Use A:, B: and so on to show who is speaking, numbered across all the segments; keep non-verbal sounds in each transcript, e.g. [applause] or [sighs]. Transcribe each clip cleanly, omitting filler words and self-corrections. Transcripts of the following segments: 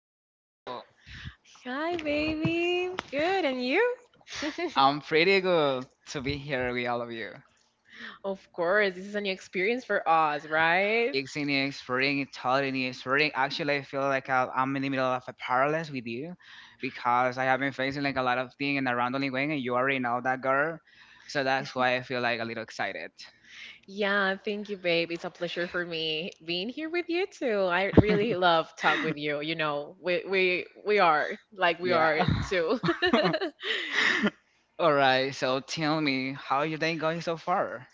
A: Now, are you?
B: you?
C: Hi,
A: Are you? I'm pretty
C: baby. Good. And you? [laughs]
A: good.
B: I'm pretty good to
A: To
B: be
A: be
B: here
A: better,
B: with all of
A: I'm
B: you.
A: here. It's an
C: Of course, this is a new experience
A: experience
C: for
A: for all.
C: us,
A: Right.
C: right?
B: It's in the
A: Very,
B: spring, it's hot in
A: very,
B: the spring.
A: very,
B: Actually, I feel
A: very.
B: like I'm in the middle of a paralysis with you because
A: Because
B: I have been
A: having
B: facing like a
A: basically a
B: lot of
A: lot of
B: things in
A: money
B: a
A: and
B: random
A: having
B: way, and you
A: many
B: already
A: jewelry
B: know
A: all
B: that girl.
A: over,
B: So
A: so
B: that's
A: that's
B: why
A: my
B: I feel like a
A: life.
B: little excited.
A: Yeah.
C: Yeah, thank you, babe. It's a pleasure for me being here with you too. I really love
B: [laughs]
C: talk with you. You know, we
A: We
C: are
A: are.
C: like we
B: Yeah.
C: are too.
B: [laughs]
C: [laughs]
B: All
A: All
B: right.
A: right. So
B: So tell
A: tell me
B: me, how
A: how
B: your
A: you
B: day going
A: got
B: so
A: so far.
B: far?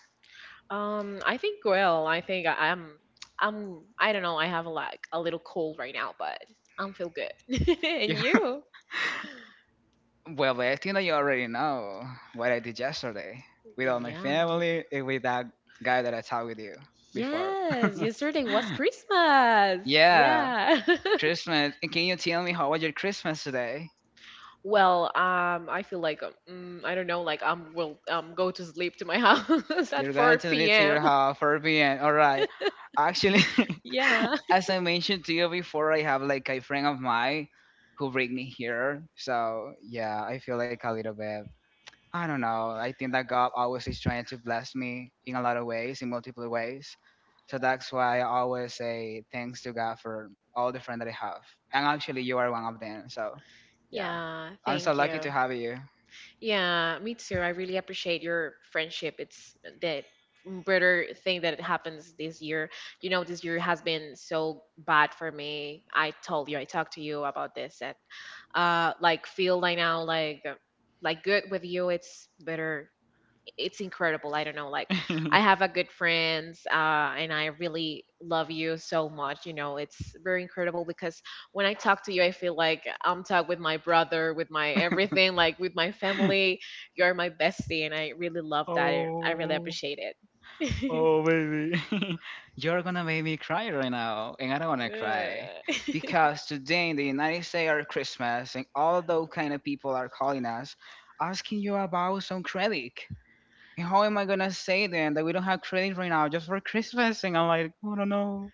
C: I think I'm I don't know, I have a like a little cold right now, but I'm feel good. [laughs] And
B: [laughs]
C: you?
A: Well,
B: Well, I think that you
A: everybody
B: already
A: already knows.
B: know what I did yesterday with
A: We
B: all
A: have
B: my
C: Yeah.
A: family
B: family and with that
A: that
B: guy
A: got
B: that I
A: in
B: talked with you before. [laughs]
C: Yes, yesterday
A: touch.
C: was Christmas.
A: Yeah.
B: Yeah,
C: Yeah. [laughs]
B: Christmas. And can you tell me how was your Christmas today?
C: Well, I feel like I don't know, like I'm will go to sleep to my [laughs] house at
B: You're going to
C: 4
B: leave to your
C: p.m.
B: house 4 p.m. All right.
C: [laughs]
B: Actually, [laughs]
C: Yeah.
B: as I mentioned to you before, I have like a friend of mine who bring me here. So yeah, I feel like a little bit I don't know.
A: Animal.
B: I
A: If you
B: think that
A: let go,
B: God
A: all
B: always
A: those
B: is trying
A: kinds
B: to
A: of
B: bless me
A: things in
B: in a
A: a
B: lot
A: lot
B: of
A: of
B: ways, in multiple
A: different ways.
B: ways. So
A: So that's
B: that's
A: why
B: why I
A: I always
B: always
A: say,
B: say thanks
A: "Things
B: to God
A: about
B: for all
A: all
B: the friends
A: different
B: that I have.
A: people. I'm
B: And actually,
A: actually
B: you are one
A: around
B: of them.
A: people, so
B: So,
A: yeah."
B: yeah.
C: Yeah,
A: I
B: I'm
A: just
B: so
C: thank
A: don't like
B: lucky to
C: you.
B: have
A: talking.
B: you.
A: Yeah.
C: Yeah, me too. I
A: For
C: really
A: even
C: appreciate your friendship. It's the better thing that it happens
A: topics
C: this
A: this year,
C: year. You
A: you
C: know,
A: know,
C: this
A: because
C: year
A: your
C: has
A: husband
C: been
A: is
C: so
A: so
C: bad
A: bad
C: for
A: for me.
C: me. I
A: I'm
C: told
A: so
C: you,
A: going
C: I
A: to
C: talked
A: talk
C: to
A: to
C: you
A: you
C: about
A: about
C: this,
A: this.
C: and
A: I
C: like feel
A: feel
C: like
A: like
C: now,
A: I'm like
C: like
A: like
C: good
A: good
C: with you.
A: with
C: It's
A: your.
C: better, it's
A: Casey's
C: incredible.
A: current
C: I don't
A: ship.
C: know. Like I
A: I
C: have a
A: have like
C: good
A: a grid,
C: friends, and
A: and
C: I
A: I
C: really
A: really
C: love
A: love
C: you
A: you, so
C: so much. You know,
A: I
C: it's very incredible because when
A: When
C: I
A: I
C: talk
A: talk
C: to
A: to
C: you, I
A: Jake,
C: feel like
A: like, I'm
C: I'm talking with
A: talking
C: my
A: my
C: brother,
A: brother,
C: with
A: my
C: my everything,
A: everything,
C: like with my
A: my family,
C: family.
B: [laughs]
C: You're my
A: very,
C: bestie, and
A: you know,
C: I really love
A: love
C: that,
A: that.
C: and I really
B: Oh.
C: appreciate it.
B: Oh,
A: Well,
C: [laughs]
B: baby. [laughs]
A: yo
B: You're
A: no
B: gonna
A: me
B: make me cry
A: distrae de
B: right
A: nada,
B: now,
A: no
B: and I
A: me
B: don't wanna
A: distrae.
B: cry.
C: Yeah. [laughs]
B: Because
A: Because in
B: today in the
A: the
B: United
A: United
B: States are
A: States
B: Christmas, and all
A: all
B: those
A: of
B: kind
A: kind
B: of
A: of
B: people
A: people
B: are
A: are
B: calling
A: calling
B: us,
A: us,
B: asking
A: asking
B: you
A: you
B: about
A: about
B: some
A: some
B: credit.
A: trade.
B: And how
A: How am
B: am I
A: I going
B: gonna
A: to
B: say
A: stay there?
B: then that
A: I'm
B: we
A: going
B: don't
A: to
B: have
A: have to stay
B: credit
A: here
B: right now
A: now.
B: just
A: There's
B: for
A: work
B: Christmas?
A: twice a
B: And I'm
A: month.
B: like, oh, I don't know.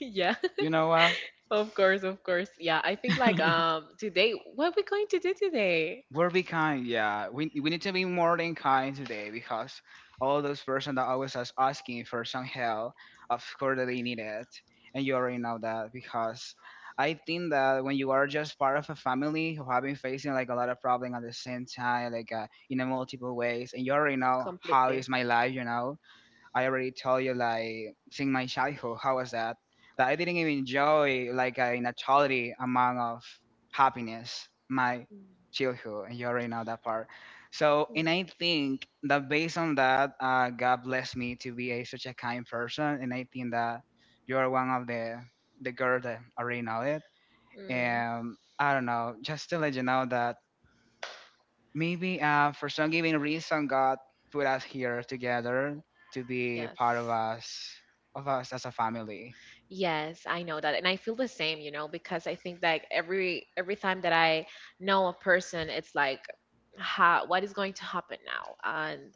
C: Yeah,
A: Yeah.
B: You know what?
C: of course, of course.
A: Today.
C: Yeah, I think
A: Yeah.
C: like
B: [laughs]
C: today, what are we
A: Every
C: going
A: time.
C: to do
A: Yeah.
C: today?
B: We'll be kind, yeah. We
A: We
B: we need to be
A: get
B: more
A: more
B: than kind
A: time
B: today
A: because
B: because all
A: all of
B: those
A: this
B: person
A: first month,
B: that
A: all
B: always
A: this
B: us
A: last
B: asking
A: month,
B: for
A: first
B: some
A: month.
B: help,
A: Yeah.
B: of course that they
A: Absolutely.
B: need it,
A: Yeah.
B: and you
A: We are
B: already know that
A: now because
B: because
A: I
B: I think
A: think
B: that
A: that
B: when you
A: we
B: are
A: are
B: just part of
A: part
B: a
A: of a
B: family
A: big
B: who have been
A: part of
B: facing like a lot of problem at the
A: the
B: same
A: same
B: time,
A: time
B: like in a
A: in a much
B: multiple
A: way.
B: ways, and you already
A: Very
B: know
A: much
B: how
A: part
C: Completely.
B: is
A: of
B: my
A: my
B: life,
A: life now.
B: I already told you like seeing my childhood, how was that? That I didn't even enjoy like a naturally amount of happiness, my
C: Mm.
B: childhood, and you already know that part. So
C: Mm.
B: and I think that based on that, God blessed me to be a such a kind person and I think that you are one of the girl that already know it.
C: Mm.
B: And I don't know, just to let you know that maybe for some given reason God put us here together to be
C: Yes.
B: part of us as a family.
C: Yes, I know that. And I feel the same, you know, because I think like every time that I know a person, it's like how, what is going to happen now? And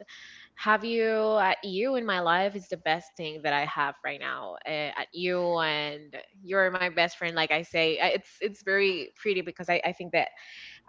C: have you, you in my life is the best thing that I have right now. At you and You're my best friend like I say. It's very pretty because I think that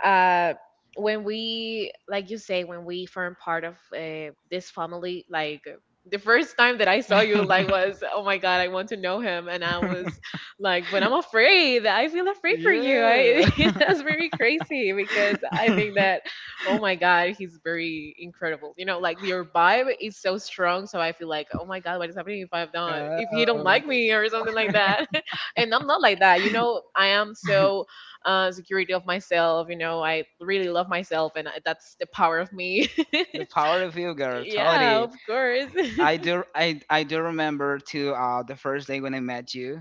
C: uh
A: When people,
C: when, we like
A: like
C: you
A: you
C: say,
A: say,
C: when we
A: we
C: form
A: are
C: part
A: part
C: of
A: of the
C: this
A: it's probably
C: family, like
A: like
C: the
A: the first
C: first time
A: time
C: that
A: that
C: I
A: I
C: saw
A: saw
C: you,
A: you,
C: like,
A: I
C: was,
B: [laughs]
A: was,
C: oh
A: oh
C: my
A: my
C: god, I
A: god, I
C: want
A: want
C: to
A: to
C: know
A: know
C: him,
A: them.
C: and I was like,
A: Like,
C: but I'm
A: oh great,
C: afraid, I
A: yeah,
C: feel afraid for you,
A: yeah,
B: Yeah.
C: [laughs] that's very crazy because I think
B: [laughs]
C: that, oh
A: oh
C: my
A: my
C: god,
A: god, it's
C: he's
A: very,
C: very incredible, you
A: you
C: know,
A: know,
C: like
A: like
C: your
A: your
C: vibe
A: vibe
C: is
A: is
C: so
A: so strong.
C: strong, so
A: So
C: I
A: like,
C: feel
A: oh
C: like, oh my god, what is
A: like,
C: happening
A: you
C: if I've done, if he don't
B: Oh.
A: know, why
C: like
A: do
C: me or something
A: you
C: like
A: care?
C: that, [laughs] and I'm not like that, you know, I am so
B: [laughs]
C: security of myself. You know, I really love myself, and that's the power of me.
B: The power of you,
C: [laughs]
B: girl.
C: Yeah,
B: Totally.
C: of course. [laughs]
B: I do remember too the first day when I met you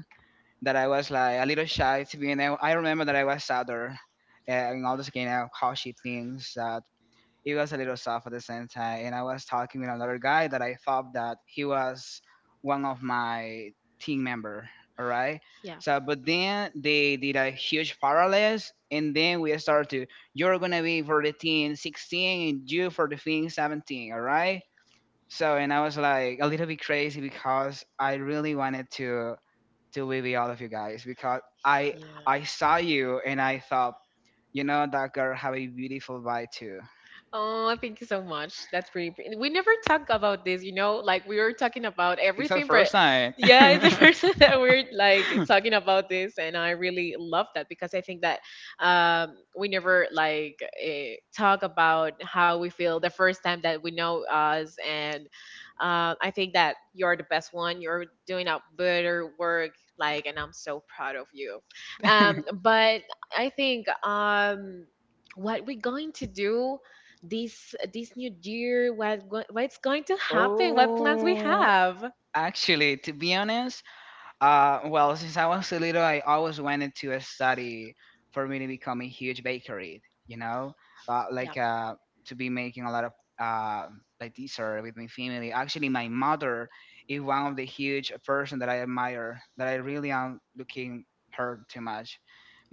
B: that
A: That
B: I
A: I
B: was
A: was,
B: like a
A: and it
B: little
A: was I didn't
B: shy
A: realize
B: to be
A: you
B: and I,
A: know I
B: I
A: don't
B: remember
A: even
B: that I
A: know
B: was
A: what's
B: sadder,
A: happening. And
B: and
A: I
B: all
A: was
B: this kind
A: being out
B: of she
A: cautious, me,
B: things
A: so
B: that
A: he
B: it
A: was
B: was a
A: a
B: little
A: little
B: soft at the same
A: different.
B: time and I
A: I
B: was
A: was
B: talking
A: talking to
B: with another
A: another
B: guy
A: guy
B: that
A: that
B: I
A: I
B: thought
A: thought
B: that
A: that
B: he
A: he
B: was
A: was one
B: one
A: of
B: of
A: my
B: my team
A: team
B: member,
A: members,
B: all right.
A: right?
C: Yeah.
A: So
B: So but
A: with him,
B: then they
A: they
B: did a
A: like
B: huge
A: just parlayed,
B: parallels
A: and
B: and
A: then
B: then we
A: we
B: started
A: started.
B: to you're
A: You're going
B: gonna be for the
A: to be
B: team 16
A: 15,
B: and you
A: you're
B: for the
A: going to
B: thing
A: be
B: 17,
A: 17,
B: all right.
A: right? So,
B: So and
A: and
B: I was
A: also I
B: like a little
A: wanted to
B: bit crazy
A: be because
B: because I
A: I
B: really
A: really
B: wanted
A: wanted to
B: to
A: do
B: be
A: with
B: with
A: the
B: all of you
A: other guys
B: guys because
A: because
B: I
A: I
C: Yeah.
A: I
B: I saw
A: saw you
B: you and
A: and I
B: I thought
A: thought,
B: you
A: you know,
B: know that
A: like I
B: girl
A: would
B: have a
A: have been
B: beautiful vibe
A: like.
B: too.
A: Oh,
C: Oh,
A: like
C: thank you so
A: so
C: much. That's
A: much.
C: pretty. We
A: We
C: never
A: never
C: talk
A: talked about
C: about this,
A: these
C: you know.
A: bells
C: Like
A: that
C: we
A: we
C: were
A: were
C: talking
A: talking
C: about
A: about
B: It's our
C: everything, but
B: first
A: it.
B: night.
C: yeah,
A: Yeah, like
C: it's the
B: [laughs]
C: first [laughs] time
A: talking
C: that we're like talking about
A: about
C: this,
A: these
C: and
A: and
C: I
A: I
C: really
A: really
C: love
A: love
C: that
A: it
C: because I
A: because I think
C: think that
A: that um,
C: we
A: we never
C: never
A: like
C: like talk
A: talk
C: about
A: about
C: how
A: how
C: we
A: we feel
C: feel the
A: that
C: first
A: person
C: time
A: has
C: that we know
A: developed us
C: us,
A: and
C: and I think that you're the best one. You're doing a better work, like, and I'm so proud of you. But I think what we're going to do this this new year, what what's going to happen, what plans we
B: Oh,
C: have.
B: actually, to be honest, well, [laughs] since I was a little, I always wanted to study for
A: for
B: me to
A: me,
B: become
A: I
B: a
A: mean,
B: huge
A: here's
B: bakery. You
A: you know,
B: know, uh,
A: not
C: Yeah,
B: like
A: really have
B: uh,
A: to be
B: to be
A: made
B: making a lot of
A: of
B: uh,
A: the
B: like dessert with my family. Actually,
A: actually, my
B: my
A: father,
B: mother is
A: he
B: one of
A: was
B: the
A: the
B: huge person
A: first
B: that I
A: that I
B: admire. That
A: that
B: I really
A: I
B: am
A: became
B: looking her
A: very
B: too
A: much
B: much,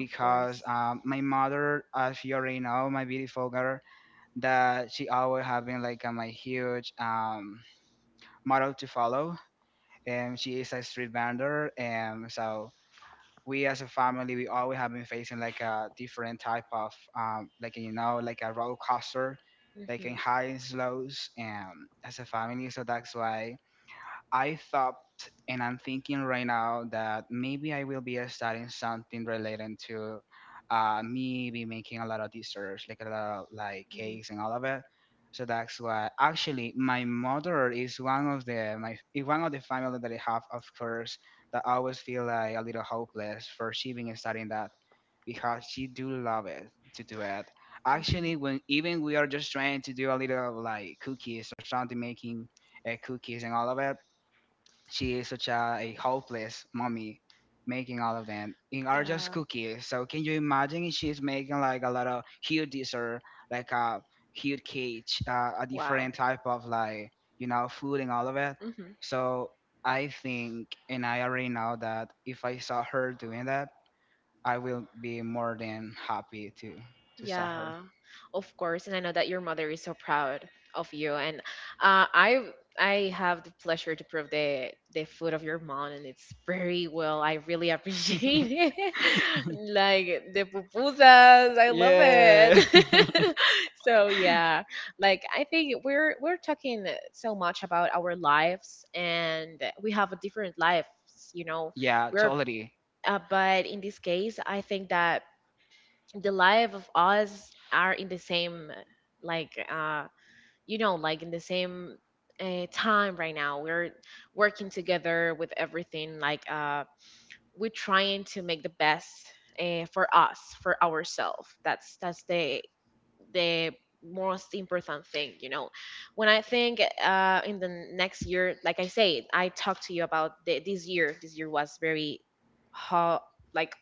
C: of course.
B: my
A: my father
B: mother,
A: was
B: as you already
A: very
B: know,
A: out
B: my
A: and
B: beautiful
A: told her
B: girl,
A: that
B: that she
A: how
B: always have been
A: happened
B: like
A: to
B: my
A: here,
B: huge
A: my
B: model to
A: father,
B: follow
A: and
B: and she
A: she
B: is
A: is
B: a
A: a
B: street vendor
A: survivor, and
B: and so
A: we
B: we as
A: have
B: a
A: to
B: family we
A: be on
B: always have
A: your
B: been
A: feet,
B: facing like a
A: like
B: different
A: different
B: type of
A: types.
B: like
A: Making
B: you know
A: sure we
B: like a
A: have all
B: roller
A: the
B: coaster
A: posture, making sure
B: like
A: we
C: Hmm.
B: in
A: have the
B: highs
A: correct
B: lows and
A: stance.
B: as
A: This
B: a
A: is about
B: family so that's
A: respect, right?
B: why I thought and I'm thinking right now that maybe I will be starting something related to me be making a lot of desserts, like a lot of like
C: Hmm.
B: cakes and all of it. So that's why actually my mother is one of the my is one of the family that I have of course that I always feel like a little hopeless for she being starting that because she do love it to do it.
C: Hmm.
A: Actually,
B: Actually
A: but
B: when
A: even
B: even
A: if
B: we are
A: you're
B: just trying
A: trying to
B: to do a
A: build a
B: little
A: company,
B: like
A: it's
B: cookies or something
A: something
B: making
A: that could be
B: cookies and all of
A: another.
B: it she is such a hopeless mommy making all of them in are just
C: Yeah.
B: cookies. So can you imagine if she's making like a lot of huge dessert, like a huge cage, a
C: Wow.
B: different type of like you know food and all of it.
C: Hmm.
B: So I think, and I already know that if I saw her doing that, I will be more than happy to saw her.
C: Yeah, of course, and I know that your mother is so proud of you. And uh, I I have the pleasure to prove the food of your mom, and it's very well. I really appreciate it. [laughs] Like the pupusas, I love
B: Yeah,
C: it. [laughs] So yeah, like I think we're talking so much about our lives, and we have a different lives, you know.
B: [laughs]
A: Yeah,
B: yeah,
C: We're
B: totally.
C: but in this case, I think that the life of us are in the same, like uh you know, like in the same time right now, we're working together with everything, we're trying to make the best for us, for ourselves, that's
A: totally.
C: the most important thing, you know, when I think in the next year, like I said, I talked to you about the, this year, this year was very hot, like,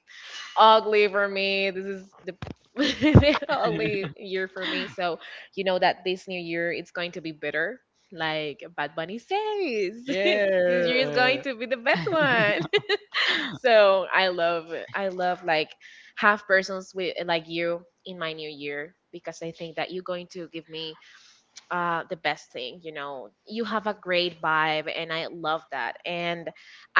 C: ugly for me. This is the [laughs] ugly year for me. So you
A: You know
C: know
A: that
C: that
A: this
C: this new year
A: year is
C: it's going
A: going
C: to
A: to
C: be
A: be
C: better.
A: better. Like,
C: Like Bad
A: what do
C: Bunny
A: you
C: says, [laughs]
A: say?
C: this year is
A: [laughs]
C: going
B: Yeah.
A: Like,
C: to be the
A: the
C: best
A: best one.
C: one. [laughs]
A: So
C: So
A: I love I
C: I
A: love
C: love like
A: like have
C: half
A: first
C: persons with
A: visit like
C: like
A: you
C: you
A: in
C: in
A: my
C: my new
A: new year
C: year
A: because
C: because I
A: I think
C: think that
A: that
C: you're
A: you're
C: going
A: going to
C: to
A: give
C: give
A: me
C: me the
A: the best
C: best
A: day.
C: thing. You
A: You know,
C: know, you
A: you have
C: have a
A: a great
C: great
A: vibe,
C: vibe, and
A: and
C: I
A: I
C: love
A: love
C: that.
A: that. And
C: And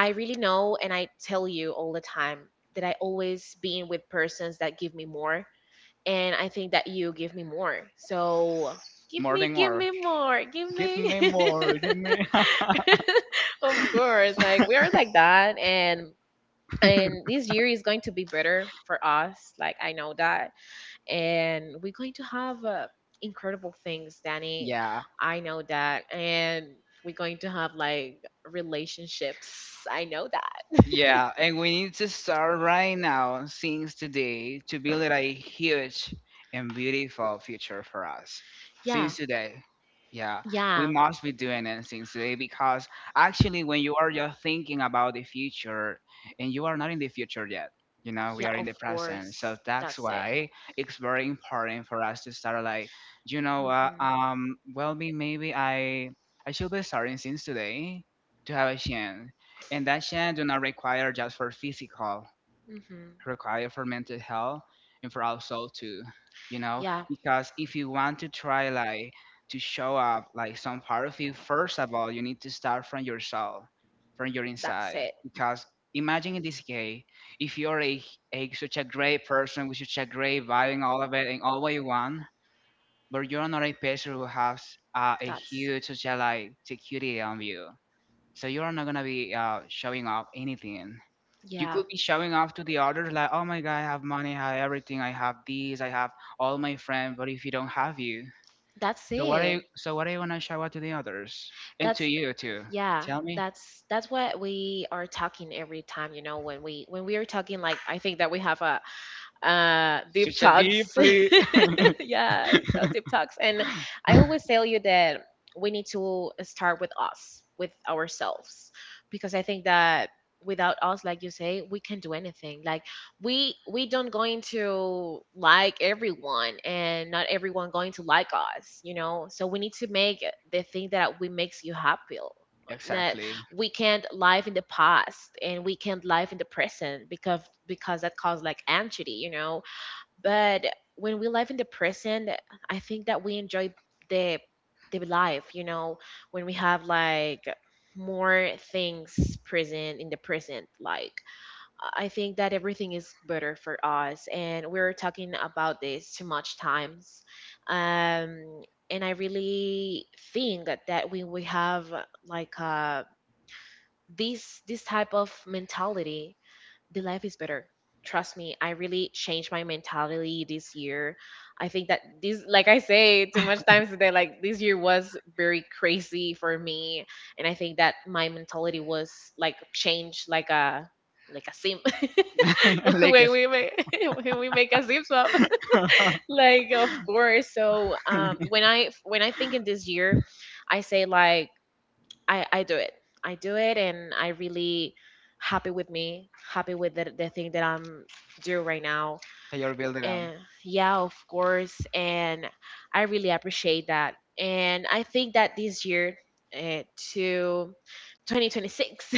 A: I
C: really
A: really know,
C: know,
A: and
C: and
A: I
C: I
A: tell
C: tell you
A: you
C: all
A: all
C: the
A: the time
C: time that
A: that I
C: I always
A: always be
C: been
A: with
C: with
A: persons
C: persons
A: that
C: that give
A: give me
C: me
A: more,
C: more,
A: and
C: and
A: I
C: I
A: think
C: think
A: that
C: that
A: you
C: you
A: will give
C: give me
A: me more.
C: more.
A: So
C: So
B: More than
A: give
C: give
B: more.
C: me
A: me more,
C: more, give
A: give
B: Give
C: me.
B: me
A: me.
C: [laughs]
A: [laughs]
B: more. Give me.
A: For
C: Of
A: sure,
C: course,
A: I
C: like we are
A: we're
C: like
A: like that,
C: that,
A: and
C: and this
A: it's
C: year
A: very
C: is
A: slow
C: going
A: to
C: to
A: be
C: be
A: better
C: better
A: for
C: for
A: us.
C: us.
A: Like
C: Like
A: I
C: I
A: know
C: know
A: that.
C: that,
A: And
C: and we're
A: we're going
C: going
A: to
C: to
A: have
C: have
A: incredible
C: incredible
A: things,
C: things,
B: [laughs]
A: Danny.
C: Danny.
B: Yeah.
A: I
C: I
A: know
C: know
A: that.
C: that.
A: And
C: And we're
A: we're
C: going
A: going to
C: to
A: have
C: have
A: like
C: like
A: relationships.
C: relationships.
A: I
C: I
A: know
C: know
A: that. [laughs]
C: that. [laughs]
B: Yeah,
A: Yeah.
B: and
A: And
B: we need to
A: it's just
B: start
A: our back
B: right
A: now
B: now,
A: seems
B: since
A: to be
B: today, to
A: either
B: build
A: at
B: a
A: you
B: huge
A: and
B: and
A: Jake
B: beautiful
A: or
B: future
A: future
B: for us.
C: Yeah.
A: lives.
B: Since today. Yeah,
A: Yeah. Yeah.
B: we
C: Yeah.
B: must be doing it since today because
A: Actually,
B: actually,
A: when
B: when you
A: you
B: are
A: were in the
B: just
A: league,
B: thinking
A: I got
B: about
A: a
B: the
A: t shirt
B: future
A: and
B: and
A: you
B: you
A: were
B: are not
A: in
B: in the
A: the
B: future
A: picture.
B: yet, you know, we
C: Yeah,
B: are in
C: of
B: the present.
C: course.
B: So that's
C: That's it.
B: why it's very important for us to start like, you know what,
C: Hmm.
B: well, me, maybe I should be starting since today to have a chance and that Shan do not require just for physical,
C: Hmm.
B: require for mental health and for our soul too, you know?
C: Yeah,
B: Because if you want to try like to show up like some part of you, first of all, you need to start from your soul, from your
C: that's
B: inside.
C: it.
B: Because imagine in this case, if a such a great person with such a great vibe and all of it and all what you want, but you're not a person who has a
C: That's,
B: huge such a like security on you. So you're not gonna be showing off anything you
C: yeah.
B: could be showing off to the others like, "Oh my god, I have money, I have everything, I have these, I have all my friends." But if you don't have you,
C: That's
B: so what are you?
C: it.
B: So what are you gonna show out to the others and
A: That's
B: to
C: That's,
A: it.
B: you too?
A: Yeah,
C: yeah,
B: Tell me.
A: that's that's
C: that's
A: what
C: what
A: we
C: we are
A: are talking
C: talking
A: every
C: every
A: time,
C: time, you
A: you know,
C: know,
A: when we
C: when
A: when
C: we
A: we
C: are
A: are talking
C: talking, like,
A: like
C: I
A: the thing
C: think
A: that
C: that we
A: we have
C: have a,
A: like um we
C: deep
A: were
B: Such a
A: talking
C: talks.
B: deeply.
C: [laughs]
A: yeah,
C: Yeah, so
A: okay.
C: deep talks,
A: And
C: and
A: I
C: I
A: always
C: always
B: [laughs]
C: tell
A: tell you
C: you
A: that
C: that we
A: we
C: need
A: need to
C: to
A: start
C: start with
A: with
C: us,
A: us, with
C: with
A: ourselves,
C: ourselves,
A: because
C: because I
A: I
C: think
A: think that
C: that
A: without
C: without
A: us,
C: us,
A: like
C: like you
A: you say,
C: say, we
A: we
C: can
A: can't do
C: do
A: anything.
C: anything. Like,
A: Like we
C: we
A: we don't
C: don't going
A: going to
C: to like
A: like
C: everyone,
A: everyone, and
C: and not
A: not everyone
C: everyone going
A: going
C: to
A: to
C: like
A: like us,
C: us, you
A: you know.
C: know, so
A: So
C: we
A: we need
C: need to
A: to make
C: make
A: the
C: the
A: thing
C: thing
A: that
C: that we
A: we
C: makes
A: makes
C: you
A: us
C: happy.
A: happy. So that
C: That
B: Exactly.
C: we
A: we can
C: can't
A: not
C: live
A: live
C: in
A: in
C: the
A: the past
C: past,
A: and
C: and we
A: we can
C: can't
A: not
C: live
A: live
C: in
A: in
C: the
A: the present
C: present,
A: because
C: because
A: because
C: that
A: it
C: causes
A: causes like
C: like
A: empty,
C: anxiety, you
A: you know.
C: know,
A: But
C: but
A: when
C: when we
A: we
C: live
A: left
C: in the
A: the prison,
C: present,
A: I
C: I
A: think
C: think
A: that
C: that we
A: we
C: enjoy
A: enjoyed the
C: the the
A: the life,
C: life, you
A: you
C: know,
A: know, when
C: when we
A: we have
C: have
A: like
C: like
A: more
C: more things
A: things present
C: present
A: in
C: in the
A: the prison.
C: present, like,
A: Like I
C: I
A: think
C: think
A: that
C: that
A: everything
C: everything
A: is
C: is
A: better
C: better
A: for
C: for
A: us,
C: us,
A: and
C: and
A: we
C: we are
A: were
C: talking
A: talking about
C: about this too
A: this much
C: much
A: times,
C: times,
A: um,
C: um
A: and
C: and I
A: I really
C: really
A: think
C: think that
A: that we
C: we
A: we
C: we
A: have
C: have
A: like
C: like a
A: this
C: this
A: this
C: this
A: type
C: type
A: of
C: of
A: mentality
C: mentality,
A: the
C: the
A: life
C: life
A: is
C: is
A: better.
C: better. Trust
A: Trust
C: me,
A: me,
C: I
A: I
C: really
A: really
C: changed
A: changed my
C: my mentality
A: mentality this
C: this
A: year.
C: year.
A: I
C: I think
A: think
C: that
A: that, if,
C: this,
A: like
C: like I
A: I say,
C: say too much
A: sometimes
C: times
A: I
C: today,
A: feel like
C: like this
A: this
C: year
A: year was
C: was
A: very
C: very
A: crazy
C: crazy
A: for
C: for
A: me,
C: me, and
A: and
C: I
A: I think
C: think that
A: that my
C: my mentality
A: mentality was
C: was like
A: like
C: changed
A: changed like
C: like
A: a
C: a, like
A: like
C: a
A: a
C: sim.
A: sim. [laughs]
B: [laughs]
C: [laughs]
A: Like, we
C: When
B: Lakers.
C: we make [laughs] when we
A: make
C: make
A: a
C: a sim swap.
A: sim, so
C: [laughs]
A: it's like
C: Like, of course.
A: simp.
C: So
B: [laughs]
C: when
A: When I
C: I, when
A: when
C: I
A: I
C: think
A: think
C: in
A: of this
C: this
A: year,
C: year,
A: I
C: I
A: say
C: say
A: like.
C: like, I do it. I do it, and I really happy with me, happy with the thing that I'm doing right now.
B: They are building them.
C: And yeah, of course, and I really appreciate that. And I think that this year, uh, to 2026, [laughs]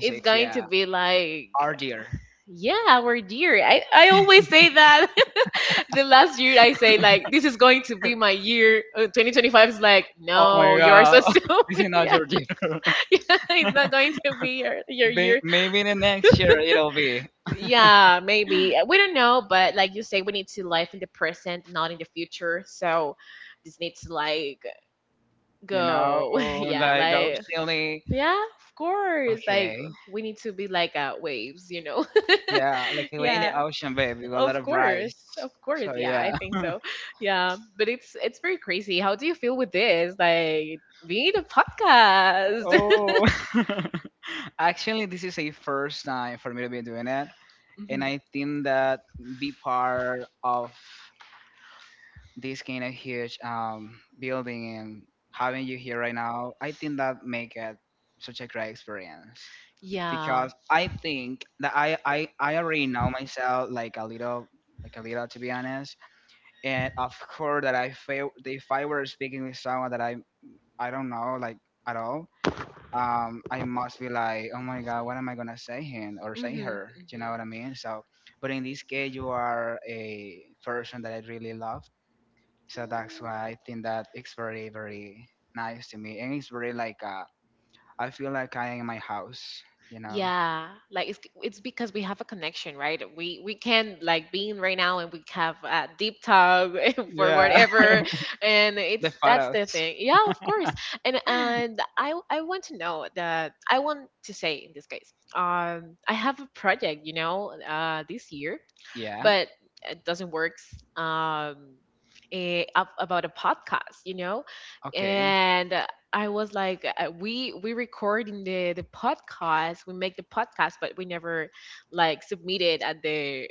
C: it's going to
B: yeah.
C: be like,
B: Our dear.
C: yeah, our year. I always say that. [laughs] The last year I say like, this is going to be my year. 2025 is like,
B: Oh my
C: no, yours so
B: god,
C: soon.
B: [laughs] this is
C: [laughs] [laughs]
B: not your year. [laughs]
C: it's not going to be your
B: May-
C: year.
B: Maybe the next year it'll be.
C: Yeah, maybe. We don't know, but like you say, we need to live in the present, not in the future. So this needs to like
B: You know,
C: go. [laughs] Yeah,
B: like
C: like,
B: oceanic.
C: yeah, of course. Like,
B: Okay.
C: we need to be like waves, you know.
B: Yeah, like
C: [laughs]
B: we're in
C: Yeah,
B: the ocean, baby, with a lot
C: of
B: of rice.
C: course, of course.
B: So
C: Yeah, I
B: yeah.
C: think so. Yeah, but it's pretty crazy. How do you feel with this? Like being a podcast. [laughs]
B: Oh. [laughs] Actually, this is a first time for me to be doing it, and
C: Mhm.
B: I think that be part of this kind of huge building and having you here right now, I think that make it such a great experience
A: Yeah.
C: Yeah.
B: because I think that I already know myself like a little to be honest and of course that I fail if I were speaking with someone that I don't know like at all, I must be like oh my god what am I gonna say him or say
C: Mhm.
B: her, do you
C: Mhm.
B: know what I mean? So but in this case you are a person that I really love so that's why I think that it's very nice to me and it's very like I feel like I am in my house, you know.
C: Yeah, like it's because we have a connection, right? We can like being right
A: Right.
C: now, and we have a deep talk [laughs] for
B: Yeah.
C: whatever, and
B: [laughs]
C: it's
B: The
C: that's
B: photos.
C: the thing. Yeah, of course.
B: [laughs]
C: And I want to know that, I want to say in this case, I have a project, you know, this year,
B: Yeah,
C: but it doesn't work, um, up about a podcast, you know,
B: okay,
C: and I was like, we record in the podcast, we make the podcast, but we never like submit it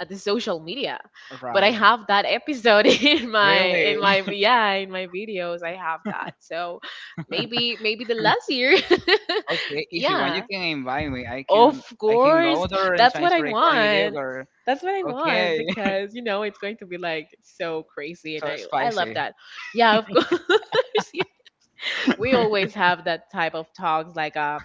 C: at the social media, but I
B: right,
C: have that episode [laughs] in my, in
B: really.
C: my, yeah, in my videos I have that. So
A: Um.
C: maybe,
B: [laughs]
C: maybe the last year.
B: Okay,
C: [laughs]
B: if you want, you
C: Yeah,
B: can invite me. I
C: of
B: can I can
C: course.
B: go there and
C: That's
B: try
C: what
B: to
C: I
B: record with you,
C: want.
B: girl.
C: That's what I want
B: Okay, [laughs]
C: because you know it's going to be like so crazy, and
B: so
C: I love
B: spicy.
C: that. Yeah, of [laughs] course. Yeah. We always have that type of talks,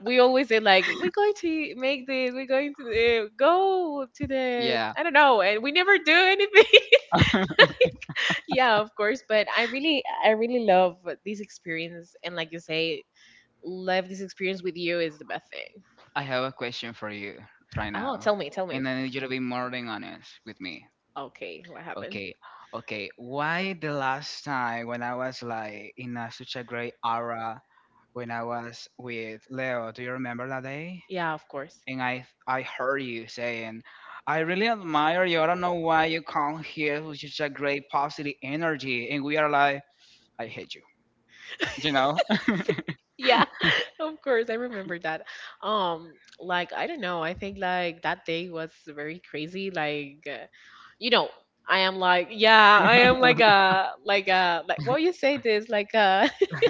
C: we always say like we're going to make this, we're going to go to the,
B: Yeah,
C: I don't know, and we never do anything. [laughs] Yeah, of course, but I really, I really love this experience, and like you say, love this experience with you is the best thing.
B: I have a question for you right
C: Oh,
B: now,
C: tell me, tell me.
B: and I need you to be more than honest with me.
C: Okay, what happened?
B: Okay, okay. Why the last time when I was like in a, such a great aura when I was with Leo? Do you remember that day?
C: Yeah, of course.
B: And I heard you saying, I really admire you. I don't know why you come here with such a great positive energy. And we are like, I hate you. You know,
C: Yeah,
B: [laughs]
A: You
C: [laughs]
A: know, I am.
C: of course, I remember that. Um, like I don't know, I think like that day was very crazy. Like, you
A: Yeah.
C: know, I am like, yeah, I am like a like
A: Make up
C: a like what you say
A: choices and
C: this like
A: make up.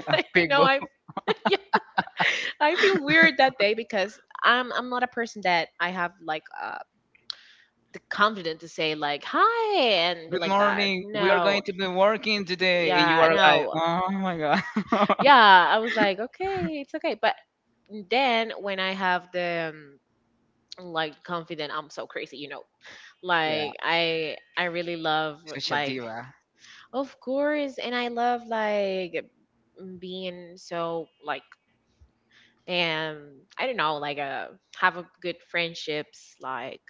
C: [laughs]
B: big
C: no,
B: boy.
C: I [laughs] yeah, I
A: I
C: feel weird that day because I'm not a person that
A: understand.
C: I have like
A: I'm like,
C: the
A: come
C: confidence
A: and
C: to
A: say,
C: say like hi
A: okay.
C: and be
A: Good
B: Good
C: like that.
A: morning.
B: morning. We are
C: No,
B: going to be
A: Good morning,
B: working
A: today.
B: today, and you
C: yeah,
B: are like,
C: no,
B: oh my god. [laughs]
C: yeah, I was like okay, it's okay, but
A: Today,
C: then when
A: my
C: I have
A: confidence
C: the
A: is
C: like confident,
A: restored.
C: I'm so crazy, you know.
A: My,
B: Yeah,
C: Like
A: I,
C: I
A: I
C: really love
B: such a
C: like
A: love.
B: diva.
C: of course, and I love like being so like I don't know like have a good friendships. Like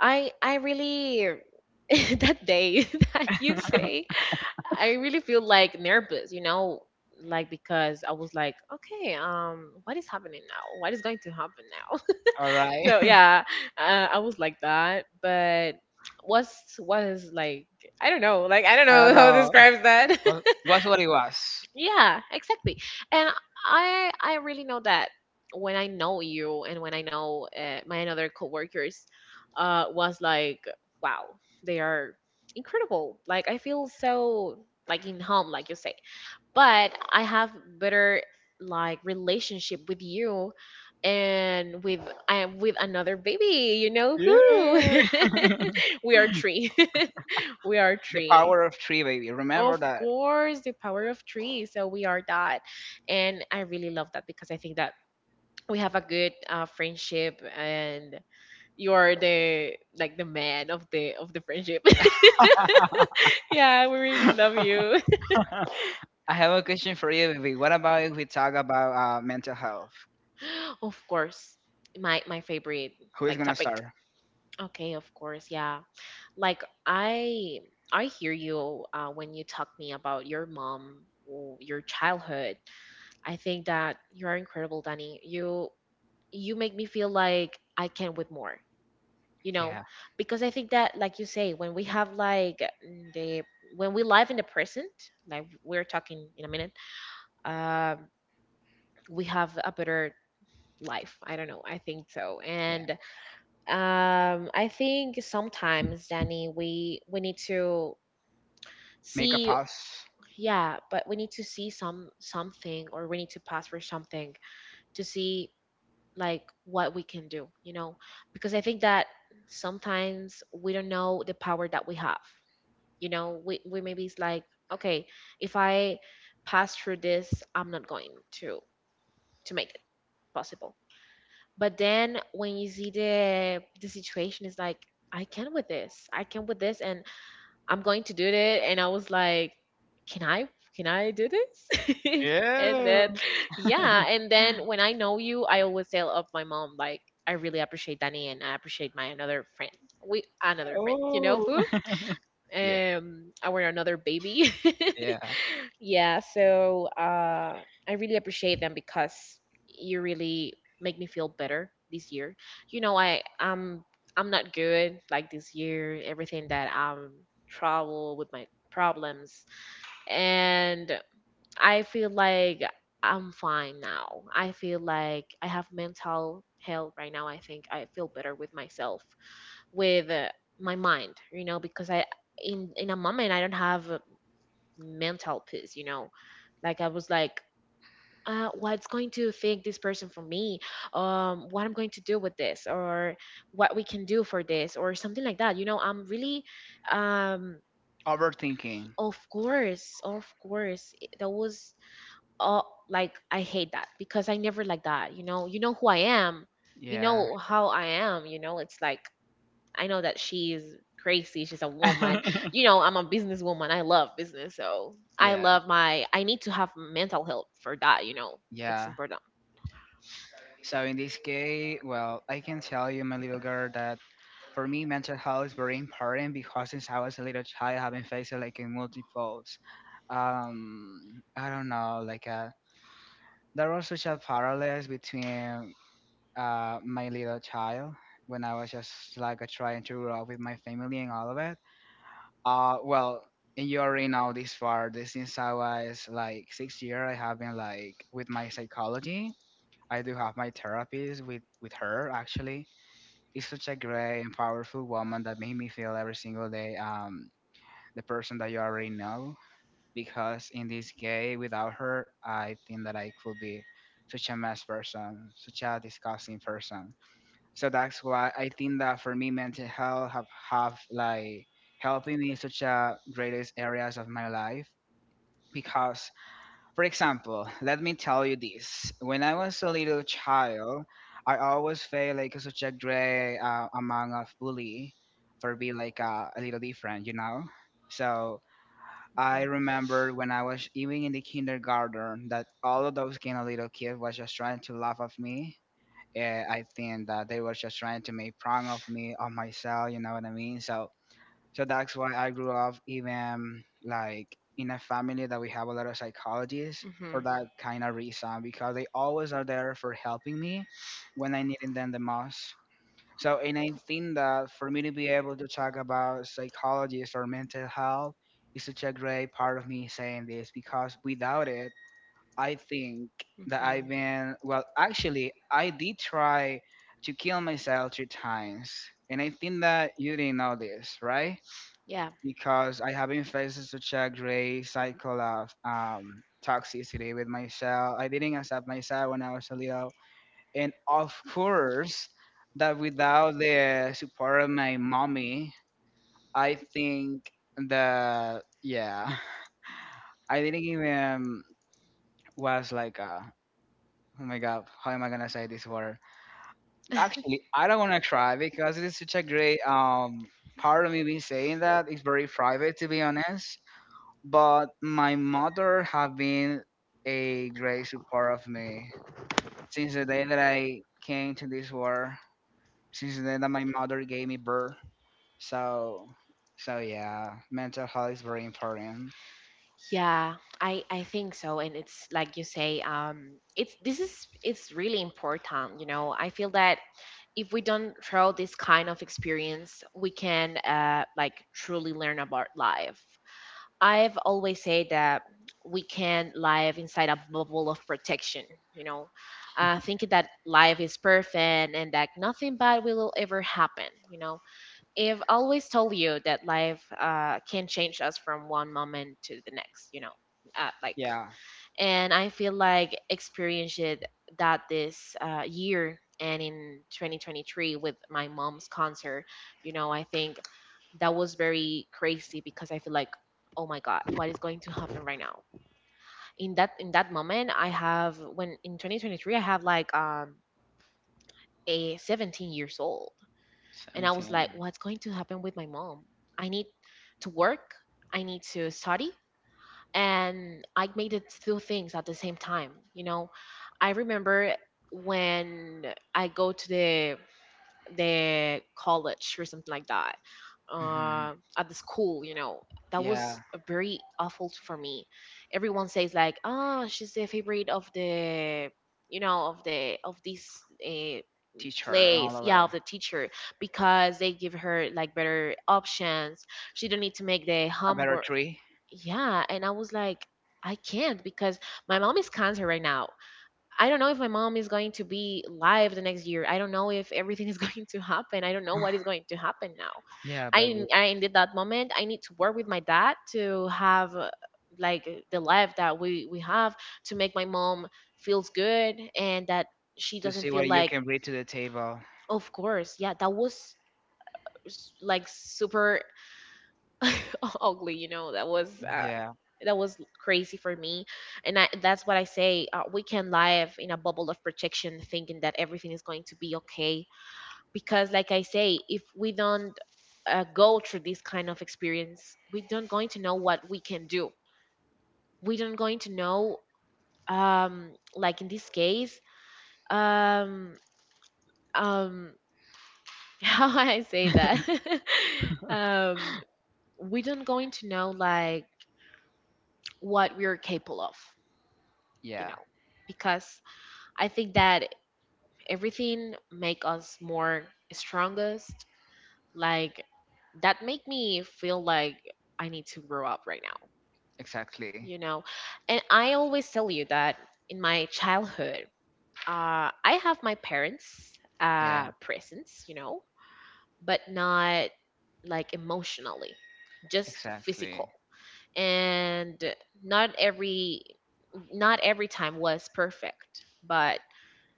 C: I really [laughs] that day [laughs] that you say I really feel like nervous, you know. Like because I was like, okay, what is happening now? What is going to happen?
B: All right.
C: So
B: [laughs]
C: yeah, I was like that. But what is like I don't know. Like I don't know [laughs]
B: At
C: how to
B: all.
C: describe that. [laughs]
B: Well, was what it was.
C: Yeah, exactly. And I really know that when I know you and when I know my other coworkers was like wow, they are incredible. Like I feel so like in home like you say but I have better like relationship with you and with I am with another baby, you know who.
B: Yeah.
C: [laughs] we are three. [laughs] we are
B: The
C: three.
B: power of three, baby. Remember
C: Of
B: that.
C: course, the power of three. So we are that. And I really love that because I think that we have a good friendship, and you are the like the man of the friendship. [laughs] yeah, we really love
B: [laughs]
C: you.
B: I have a question for you, baby. What about if we talk about mental health?
C: Of course, my favorite
B: Who is
C: like
B: gonna
C: topic.
B: start?
C: Okay, of course, yeah. Like I hear you when you talk me about your mom or your childhood. I think that you are incredible, Danny. You make me feel like I can with more. You know,
B: Yeah,
C: because I think that, like you say, when we have like the when we live in the present, like we're talking in a minute, um, we have a better life. I don't know. I think so,
B: yeah.
C: and I think sometimes, Danny, we need to
B: Make a
C: see,
B: pass.
C: yeah, but we need to see some something or we need to pass for something to see like what we can do, you know? Because I think that sometimes we don't know the power that we have. You know, we maybe it's like, okay, if I pass through this, I'm not going to to make it possible. But then when you see the situation, it's like, I can with this. I can with this, and I'm going to do it. And I was like, can I can I do this? [laughs] and
B: Yeah.
C: then yeah, and then when I know you, I always tell of my mom like I really appreciate Danny, and I appreciate my another friend. We another friend, you know
B: Oh.
C: who?
B: [laughs] yeah.
C: Um, our another baby. [laughs]
B: Yeah.
A: Yeah,
C: Yeah,
A: so,
C: so
A: um,
C: I
A: I'm
C: really
A: just paying
C: appreciate
A: that
C: them
A: price
C: because you
A: yearly,
C: really make
A: make
C: me feel
A: no
C: better
A: difference
C: this
A: this year.
C: year.
A: You
C: You
A: know,
C: know,
A: I,
C: I
A: um, I'm
C: I'm not
A: gonna bear the
C: good like
A: price this
C: this
A: year,
C: year. Everything
A: that,
C: that I'm
A: probably,
C: trouble with my
A: probably,
C: problems,
A: and
C: and
A: I
C: I feel
A: feel like
C: like
A: I'm
C: I'm
A: fine
C: fine
A: now.
C: now.
A: I
C: I feel
A: feel like
C: like I have
A: it's all,
C: mental
A: you know,
C: health right
A: pretty
C: now.
A: on
C: I think I
A: myself
C: feel
A: with
C: better with myself,
A: like,
C: with
A: my
C: my mind.
A: mind, you
C: You
A: know,
C: know,
A: because
C: because
A: I,
C: I
A: and I'm
C: in a
A: like, I
C: moment I don't
A: have,
C: have
A: and
C: mental
A: all this,
C: peace, you
A: you
C: know.
A: know,
C: Like
A: like,
C: I
A: it's
C: was
A: like.
C: like what's going to think this person for me, what I'm going to do with this, or what we can do for this, or something like that, you know. I'm really um
A: Overachieving
B: Overthinking.
C: of
A: of merit,
C: course,
A: of
C: of
A: like
C: course,
A: I know how
C: that
A: I know
C: was all like I hate that
A: that
C: because I never like that, you know. You know
A: you're
C: who I
A: crazy.
C: am,
A: You
C: you
A: know,
B: Yeah.
C: know
A: I
C: how I am, you know. It's like I know that she's crazy. She's a woman.
B: [laughs]
C: You know,
A: love,
C: I'm a businesswoman. I love business. So I
A: I
B: Yeah,
C: love
A: love,
C: my, I
A: I
C: need to have
A: love
C: mental health for that. You know,
A: how.
C: it's
B: yeah.
C: important.
B: So in this case, well, I can tell you, my little girl, that for me, mental health is very important because since I was a little child, I've been facing like a multiples. I don't know, like a, there was such a parallels between my little child when I was just like trying to grow up with my family and all of it.
A: Of well, there
B: Well, and you
A: are
B: already know
A: some
B: this
A: are similar
B: far. This since I was like six
A: in similarity.
B: year, I have been
A: I
B: like
A: think
B: with my
A: that's
B: psychology. I do have my therapies with her actually. It's such a great and powerful woman that made me feel every single day the person that you already know, because in this case, without her I think that I could be
A: one of the main
B: such a mess
A: differences.
B: person, such a disgusting person.
A: So
B: So
A: that's
B: that's
A: why
B: why I think
A: that
B: that for
A: we
B: me,
A: have to
B: mental
A: come
B: health have
A: how
B: have
A: like
B: like
A: how the
B: helping me in such a
A: picture is
B: greatest
A: carried
B: areas of
A: my
B: my
A: life.
B: life.
A: Because
B: Because,
A: for
B: for example,
A: example,
B: let
A: let
B: me
A: me tell
B: tell you
A: you this.
B: this:
A: When
B: when
A: I
B: I
A: was
B: was a
A: still
B: little
A: a child,
B: child,
A: I
B: I
A: always
B: always felt
A: said
B: like such a
A: Chick-fil-A
B: great
A: um, on
B: amount of
A: believe
B: bully for
A: for being
B: being
A: a
B: like
A: God
B: a
A: they
B: little
A: were
B: different,
A: forever
B: you
A: come.
B: know.
A: So
B: So I
A: I
C: Mhm.
A: remember
B: remember when
A: when I
B: I
A: was
B: was even
A: doing
B: in the
A: the kindergarten
B: kindergarten that
A: that
B: all
A: all of
B: of
A: the
B: those kind of little
A: kindergarten
B: kids
A: kids
B: was
A: were just
B: just
A: trying
B: trying
A: to
B: to laugh
A: follow,
B: at me. Yeah,
A: yeah,
B: I think that they were just
A: uh,
B: trying to make fun of me of myself, you know what I mean?
A: So,
B: So
A: so
B: so
A: that's
B: that's why
A: what
B: I grew up even
A: like
B: like in a family that we have a lot of psychologists for
C: Mhm.
A: like
B: that kind of reason because they
A: um,
B: always are there for
A: um,
B: helping me when I needed them the most.
A: so
B: So and I think
A: uh,
B: that for me
A: we
B: to
A: did
B: be able to talk
A: our college
B: about
A: college
B: psychologists or mental health is such a
A: like.
B: great part of me saying this, because without it I think that I've
C: Mhm.
B: been, well, actually, I did try to kill myself two times, and I think that you didn't know this, right?
C: Yeah.
B: Because I have been facing such a great cycle of toxicity with myself. I didn't accept myself when I was a little, and of course that without the support of my mommy, I think that yeah. [laughs] I didn't even was like a, oh my god, how am I gonna say this word? Actually, I don't wanna try because it is such a great part of me being saying that. It's very private to be honest. But my mother have been a great support of me since the day that I came to this world, since the day that my mother gave me birth. So so yeah, mental health is very important.
C: Yeah, I think so, and it's like you say, it's this is it's really important, you know. I feel that if we don't throw this kind of experience, we can like truly learn about life. I've always said that we can live inside a bubble of protection, you know, thinking that life is perfect and that nothing bad will ever happen, you know. I've always told you that life can change us from one moment to the next, you know, like,
A: Yeah.
B: Yeah.
A: And
C: and
A: I
C: I feel
A: feel like
C: like
A: it's great
C: experienced it
A: that
C: that
A: that is
C: this
A: here
C: year and
A: in
C: in 2023
A: 2023
C: with
A: with
C: my
A: my
C: mom's
A: next
C: concert,
A: concert.
C: you
A: You
C: know,
A: know,
C: I
A: I think
C: think that
A: that
C: was
A: was very
C: very
A: crazy
C: crazy because I feel like,
A: like,
C: oh
A: oh
C: my God,
A: my
C: what is
A: God.
C: going to happen right now? In
A: And
C: that
A: that,
C: in that
A: that's when
C: moment, I
A: I felt
C: have
A: like,
C: when in 2023 I have like
A: like
C: a
A: being 17
C: 17 years
A: years old.
C: old. And I
A: And I
C: was
A: was
C: like,
B: 17.
A: like,
C: what's going to happen with my mom? I
A: I
C: need
A: need
C: to
A: to work.
C: work,
A: I
C: I need
A: need to
C: to
A: study.
C: study.
A: And
C: And
A: I
C: I
A: feel
C: made it
A: like
C: two
A: those
C: things at the same time. You know, I
A: you
C: remember
A: know. I remember when.
C: when I go to the college or something like that,
B: Mm-hmm.
C: at the school, you know, that
B: Yeah.
C: was a very awful for me. Everyone says like, "Ah, she's the favorite of the, you know, of the of this
B: Teacher and all
C: place,
B: of
C: yeah,
B: it.
C: of the teacher, because they give her like better options, she don't need to make the
B: About a
C: homework."
B: tree.
C: Yeah, and I was like, I can't, because my mom is cancer right now. I don't know if my mom is going to be live the next year. I don't know if everything is [laughs] going to happen. I don't know what is going
B: [sighs]
C: to happen now.
B: Yeah,
C: i
B: baby.
C: i ended that moment, I need to work with my dad to have like the life that we have, to make my mom feels good and that she
B: To
C: doesn't
B: see
C: feel
B: what you
C: like
B: can bring to the table.
C: of course, yeah, that was like super [laughs] ugly, you know.
B: Yeah,
C: That was crazy for me, and I, that's what I say. We can live in a bubble of protection, thinking that everything is going to be okay, because, like I say, if we don't go through this kind of experience, we don't going to know what we can do. We don't going to know, um, like in this case, um, um, [laughs] how I say that, [laughs] um. we don't going to know like what we're capable of, you
B: yeah,
C: know, because I think that everything make us more strongest, like that make me feel like I need to grow up right now,
B: exactly.
C: you know. And
A: And I
C: I always
A: also
C: tell you that
A: realized in
C: in
A: my
C: my
A: class that
C: childhood, I have my parents
A: every not
B: Yeah,
A: every
C: presence, you
A: time
C: know,
A: was perfect,
C: but
A: but now I
C: not
A: can have
C: like emotionally,
A: like
C: just
A: some of these
B: exactly.
C: physical.
A: friends
C: And not every, not every time was perfect, but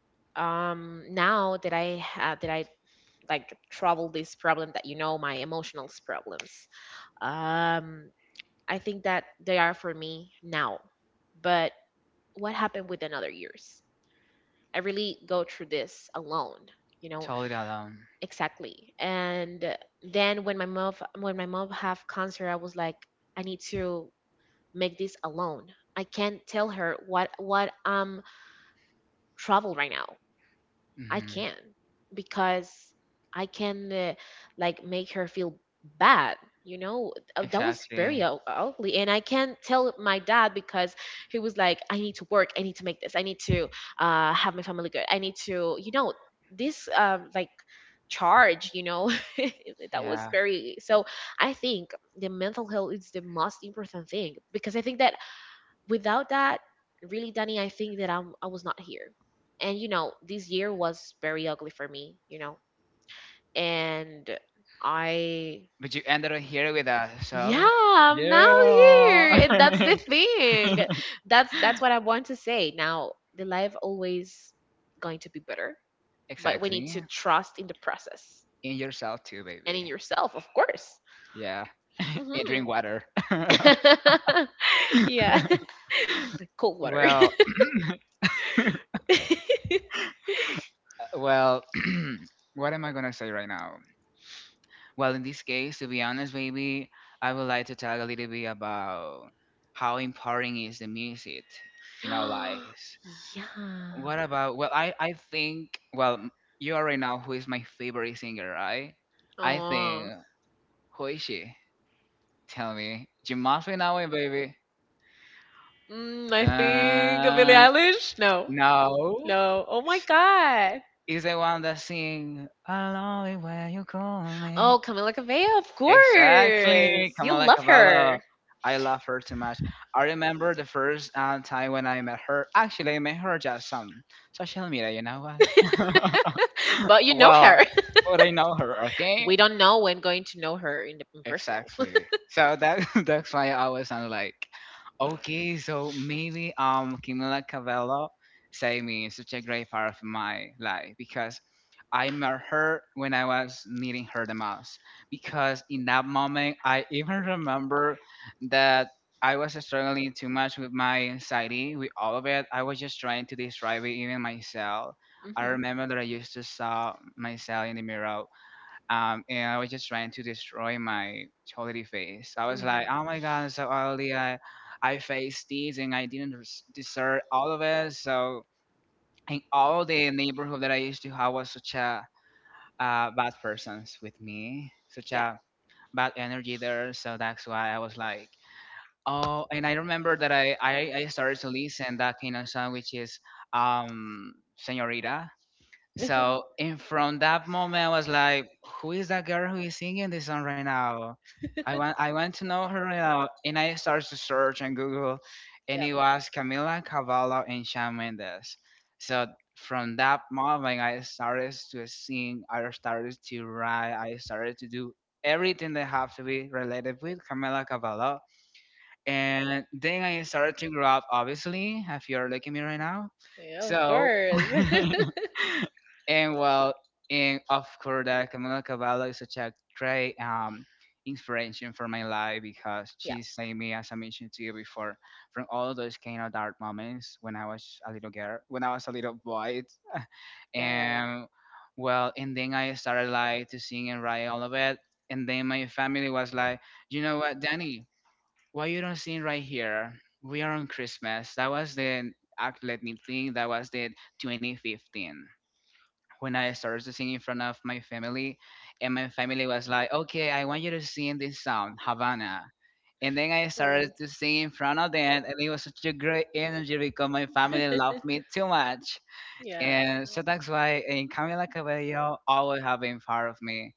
A: and now I
C: now
A: can
C: that
A: share
C: I
A: them now,
C: have that I
A: but
C: like trouble
A: I
C: this problem that, you know, my emotional problems, um I think that they are for me now, but what happened within other years, I
A: really
C: really go
A: both
C: through
A: of.
C: this alone, you know.
B: Totally
A: Exactly,
B: alone.
C: Exactly, and
A: and I
C: then
A: can't
C: when my mom,
A: approach the
C: when my mom have
A: problem because
C: cancer, I
A: I
C: was like I
A: can't
C: need
A: make
C: to
A: some. I
C: make this alone. I can't
A: can't
C: tell
A: tell
C: her
A: her what my
C: what
A: problem is
C: trouble right
A: because
C: now. I
B: Mm-hmm.
C: can because I can
A: I can't
C: like make
A: make
C: her
A: her.
C: feel bad. You know, that was very
B: Exactly.
C: ugly, and I can't tell my dad because he was like, "I need to work. I need to make this. I need to have my family good. I need to, you know, this like charge." You know, [laughs] that was
B: Yeah.
C: very so. I think the mental health is the most important thing because I think that without that, really, Danny, I think that I was not here. And you know, this year was very ugly for me, you know. And I
B: But you ended up here with us, so
C: yeah, I'm now
B: yeah.
C: here. And that's the thing. That's what I
B: [laughs]
C: want to say. Now, the life always going to be better, but we need
B: Exactly.
C: to trust in the process
B: In yourself too,
C: and in
B: baby.
C: yourself, of course.
B: Yeah. And
C: Hmm.
B: drink water. [laughs]
C: [laughs] Yeah. [laughs] Cold water.
B: Well,
C: [laughs]
B: well. [clears throat] What am I gonna say right now? Well, in this case, to be honest, maybe I would like to talk a little bit about how important is the music in our lives.
C: [gasps] Yeah.
B: What about, well, I think, well, m- you already know who is my favorite singer, right? I think,
C: Oh,
B: who is she? Tell me. You must be knowing, baby.
C: mm, I think Billie
B: Uh,
C: Eilish. No,
B: no.
C: no. Oh my God.
B: Is the one that sing, I love it when you call me.
C: Oh, Camila Cabello. Of
B: Exactly,
C: course, you
B: Camila
C: love
B: Cabello.
C: her,
B: I love her too much. I remember the first time when I met her. Actually, I met her just on social media. You know what?
C: [laughs] but you know
B: Well,
C: her. [laughs]
B: but I know her. Okay.
C: We don't know when going to know her in the in personal.
B: Exactly. So that [laughs] that's why I was on like, okay, so maybe Camila Cabello saved me in such a great part of my life because I met her when I was needing her the most. Because in that moment I even remember that I was struggling too much with my anxiety, with all of it. I was just trying to describe it even myself.
C: [laughs]
B: I
C: Hmm.
B: remember that I used to saw myself in the mirror and I was just trying to destroy my quality face. I was
C: Hmm.
B: like, oh my god, I'm so ugly. I faced this and I didn't res- deserve all of it. So in all the neighborhood that I used to have was such a bad persons with me, such
C: Yeah.
B: a bad energy there. So that's why I was like, oh, and I remember that I started to listen that kind of song, which is Senorita so, and from that moment, I was like, "Who is that girl who is singing this song right now? I want to know her right now." And I started to search on Google, and
C: Yeah.
B: it was Camila Cavallo and Shawn Mendes. So from that moment, I started to sing, I started to write, I started to do everything that have to be related with Camila Cavallo. And then I started to grow up, obviously, if you're looking at me right now.
C: Yeah. Of
B: So.
C: course. [laughs]
B: [laughs] And well, and of course, that Camila Cavallo is such a great inspiration for my life because
C: Yeah.
B: she saved me, as I mentioned to you before, from all those kind of dark moments when I was a little girl, when I was a little boy,
C: Yeah, yeah, yeah.
B: and well, and then I started like to sing and write all of it, and then my family was like, you know what, Danny, why you don't sing right here? We are on Christmas. That was the act. Let me think. That was the 2015 when I started to sing in front of my family, and my family was like, "Okay, I want you to sing this song, Havana." And then I started to sing in front of them, and it was such a great energy because my family loved me too much.
C: Yeah.
B: And so that's why in Camila Cabello always have been part of me.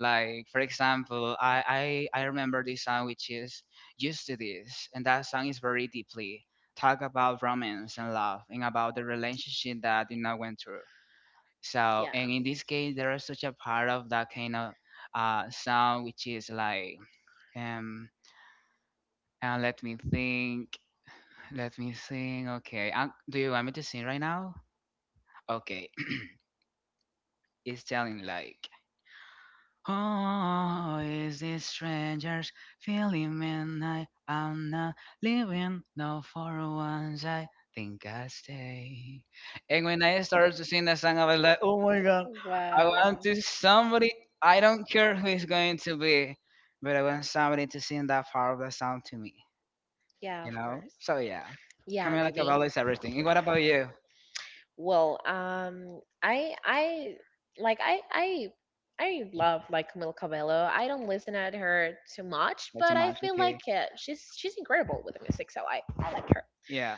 B: Like for example, I remember this song which is used to this, and that song is very deeply talk about romance and love and about the relationship that you know went through so,
C: Yeah.
B: and in this case, there is such a part of that kind of sound which is like, um, and let me think, let me sing. Okay, do you want me to sing right now? Okay, [clears throat] it's telling like. Oh, is this stranger's feeling man? I am not living, no for once. I think I stay. And when I started to sing that song, I was like, oh my god, I want
C: Wow.
B: to somebody, I don't care who it's going to be, but I want somebody to sing that part of the song to me,
C: Yeah,
B: you
C: of
B: know?
C: course.
B: So yeah,
C: Yeah,
B: Camila
C: baby.
B: Cabello is everything. And what about you?
C: Well, I like I I love like Camila Cabello. I don't listen at her too much,
B: Not too
C: but I
B: much,
C: feel like
B: okay?
C: she's incredible with the music, so I like her.
B: Yeah.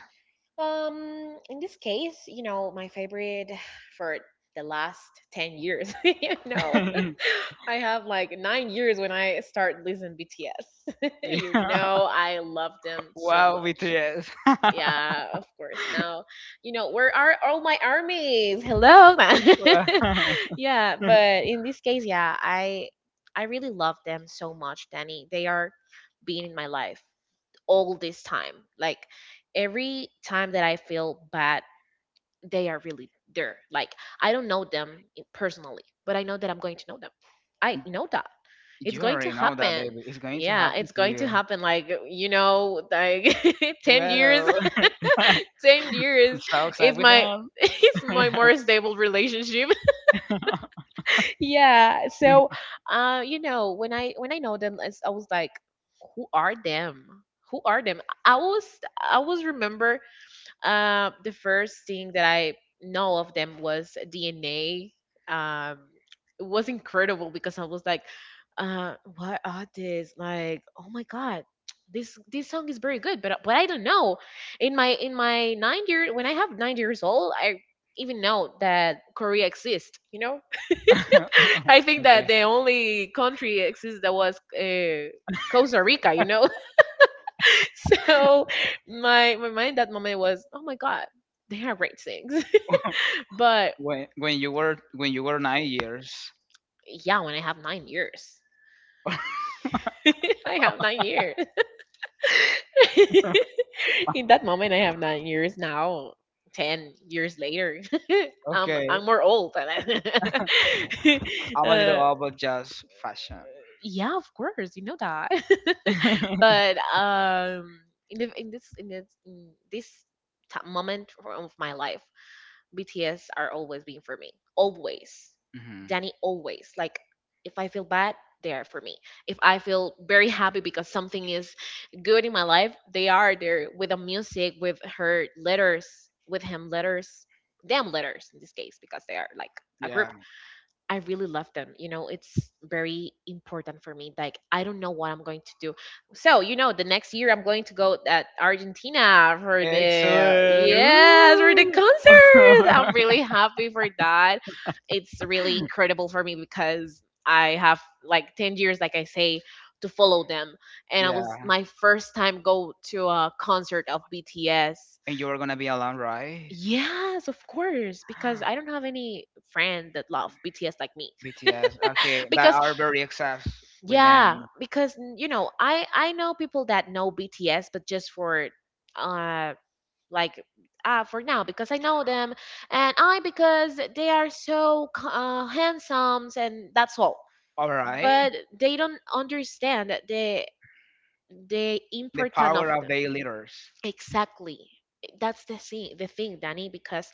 C: In this case, you know, my favorite for the last 10 years, [laughs] you know,
B: [laughs]
C: [laughs] I have like 9 years when I start listening BTS. [laughs] You
B: Yeah.
C: know, I love them so
B: Wow,
C: much.
B: BTS.
C: Yeah, of course. Now, you know, where are all my armies? Hello.
B: Wow. [laughs]
C: [laughs]
B: [laughs]
C: yeah, but in this case, yeah, I really love them so much, Danny. They are being in my life all this time. Like every time that I feel bad they are really there. Like I don't know them personally, but I know that I'm going to know them. I know that it's
B: You
C: going to
B: already know that,
C: happen.
B: baby. It's going to
C: Yeah,
B: happen
C: it's
B: to
C: going to
B: you.
C: happen. Like you know, like [laughs] 10 years,
B: Well, [laughs] I'm
C: [laughs] 10 years
B: so excited
C: is
B: with
C: my
B: them.
C: [laughs] is my more stable relationship. [laughs] yeah. So,
B: [laughs]
C: you know, when I know them, I was like, who are them? Who are them? I was I was remember the first thing that I know of them was DNA. Um, it was incredible because I was like, what are this? Like, oh my god, this song is very good, but I don't know. In my 9 year when I have 9 years old, I even know that Korea exists. You know, [laughs] I think that
B: Okay.
C: the only country exists that was Costa Rica. You know. [laughs] So my mind that moment was, oh my god, they are great things. [laughs] But
B: When when you were nine years.
C: yeah, when I have 9 years, [laughs] I have 9 years. [laughs] In that moment, I have 9 years now. 10 years later, [laughs] I'm
B: Okay.
C: I'm more old than I. [laughs]
B: I'm a
C: uh,
B: little all about just fashion.
C: yeah, of course, you know that.
B: [laughs]
C: [laughs]
B: Hmm.
C: but in the, in this moment of my life, BTS are always being for me. Always. Danny always. Like if I feel bad, they are for me. If I feel very happy because something is good in my life, they are there with the music, with her letters, with him letters, them letters in this case, because they are like a group.
B: Yeah.
C: I really love them. You know, it's very important for me. Like, I don't know what I'm going to do. So, you know, the next year I'm going to go at Argentina for the
B: Excellent.
C: yes for the
B: Woo.
C: concert.
B: [laughs]
C: I'm really happy for that. It's really incredible for me because I have like 10 years, like I say, to follow them, and I was
B: Yeah.
C: my first time go to a concert of BTS.
B: And you were gonna be alone, right?
C: Yes, of course, because I
B: [laughs] [gasps]
C: don't have any friend that love BTS like me
B: BTS. Okay, that
C: because
B: are very obsessed with
C: yeah,
B: them.
C: because you know, I know people that know BTS, but just for uh like for now because I know them, and I because they are so handsome, and that's all.
B: All right.
C: But they don't understand that the
B: The
C: importance of
B: power of
C: the
B: their leaders.
C: exactly. That's the thing, Danny, because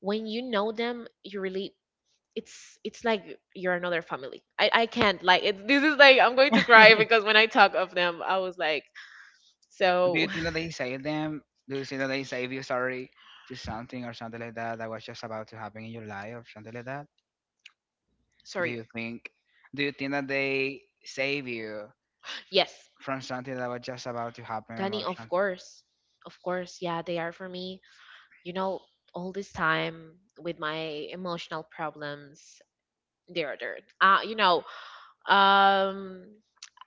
C: when you know them, you really it's like you're another family. I can't like it, this is like I'm going to cry because when I talk of them, I was like
B: Do you
C: so
B: think that
C: [sighs]
B: they save them? Do you think that they save you? Sorry, to something or something like that that was just about to happen in your life or something like that.
C: [laughs]
B: Do
C: sorry.
B: you think? Do you think that they save you
C: Yes,
B: from something that was just about to happen
C: Danny,
B: or something?
C: of course, yeah, they are for me. You know, all this time with my emotional problems, they are there. You know, um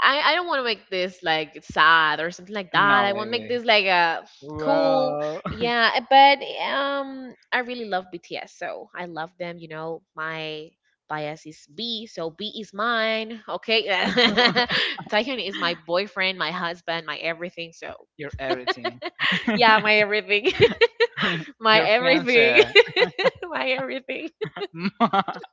C: I don't want to make this like sad or something like that.
B: No,
C: I want to make
B: baby.
C: this like a cool,
B: Well, [laughs]
C: yeah. But I really love BTS, so I love them. You know, my bias is B, so B is mine. Okay, [laughs] Taehyun is my boyfriend, my husband, my everything. So
B: you're everything.
C: yeah, my everything, [laughs]
B: [laughs]
C: my
B: Your
C: everything,
B: fiance.
C: [laughs] my everything. [laughs]
B: [laughs]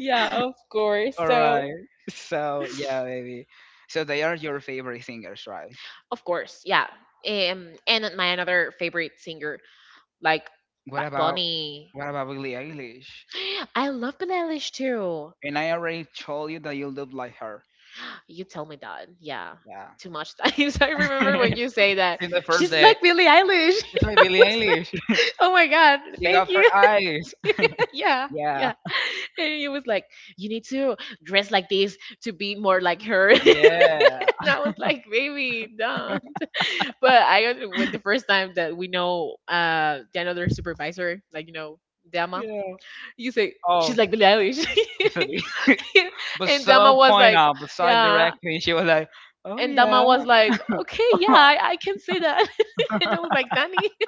C: Yeah, of course.
B: All
C: So
B: right. So yeah, baby. So they are your favorite singers, right?
C: of course, yeah. And my another favorite singer like
B: What
C: Bad
B: about
C: Bunny.
B: what about Billie Eilish?
C: [gasps] I love Billie Eilish too.
B: And I already told you that you look like her.
C: You tell me that. Yeah.
B: Yeah.
C: Too much times. [laughs] I
B: [laughs]
C: remember when you
B: In
C: say that.
B: the first
C: She's
B: day,
C: like Billie Eilish. [laughs]
B: it's my
C: And I
B: Billie
C: was like,
B: Eilish.
C: oh my God,
B: She
C: thank
B: got her
C: you.
B: eyes.
C: [laughs] yeah.
B: Yeah.
C: Yeah. And he was like, you need to dress like this to be more like her. [laughs] and
B: Yeah.
C: I was like, baby, don't. But I, with the first time that we know the another supervisor, like, you know, Dama,
B: Yeah.
C: you say, she's
B: Oh,
C: like Billie Eilish.
B: [laughs] she's,
C: [laughs] [laughs]
B: but
C: and Dama
B: so
C: was
B: point
C: like,
B: out, but so
C: yeah.
B: directly, she was like, "Oh
C: And
B: yeah,"
C: Dama was like, okay, yeah,
B: [laughs]
C: I can say that. [laughs] and I was like, Danny. [laughs]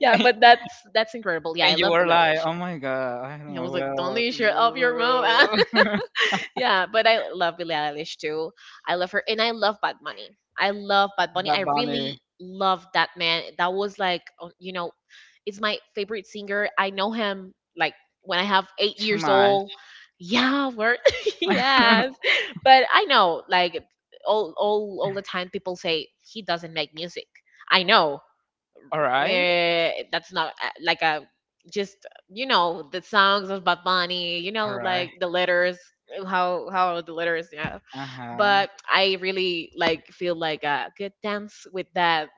C: Yeah, but that's incredible. Yeah, I
B: and you
C: love
B: were like,
C: Bilelish.
B: "Oh my god, I don't
C: I
B: know."
C: was like, don't
B: Well,
C: leash your up your mouth.
B: you,
C: [laughs]
B: [laughs]
C: yeah, but I love Billie Eilish too. I love her, and I love Bad Bunny. I love Bad Bunny. I
B: Bad Bunny.
C: really love that man. That was like, you know, it's my favorite singer. I know him like when I have eight
B: Too
C: years
B: much.
C: old. Yeah, we're [laughs] yes,
B: [laughs]
C: but I know like all the time people say he doesn't make music. I know
B: All right.
C: That's not like a just you know the songs of Bad Bunny, you know
B: All right.
C: like the letters how are the letters yeah
B: Uh huh.
C: but I really like feel like a good dance with that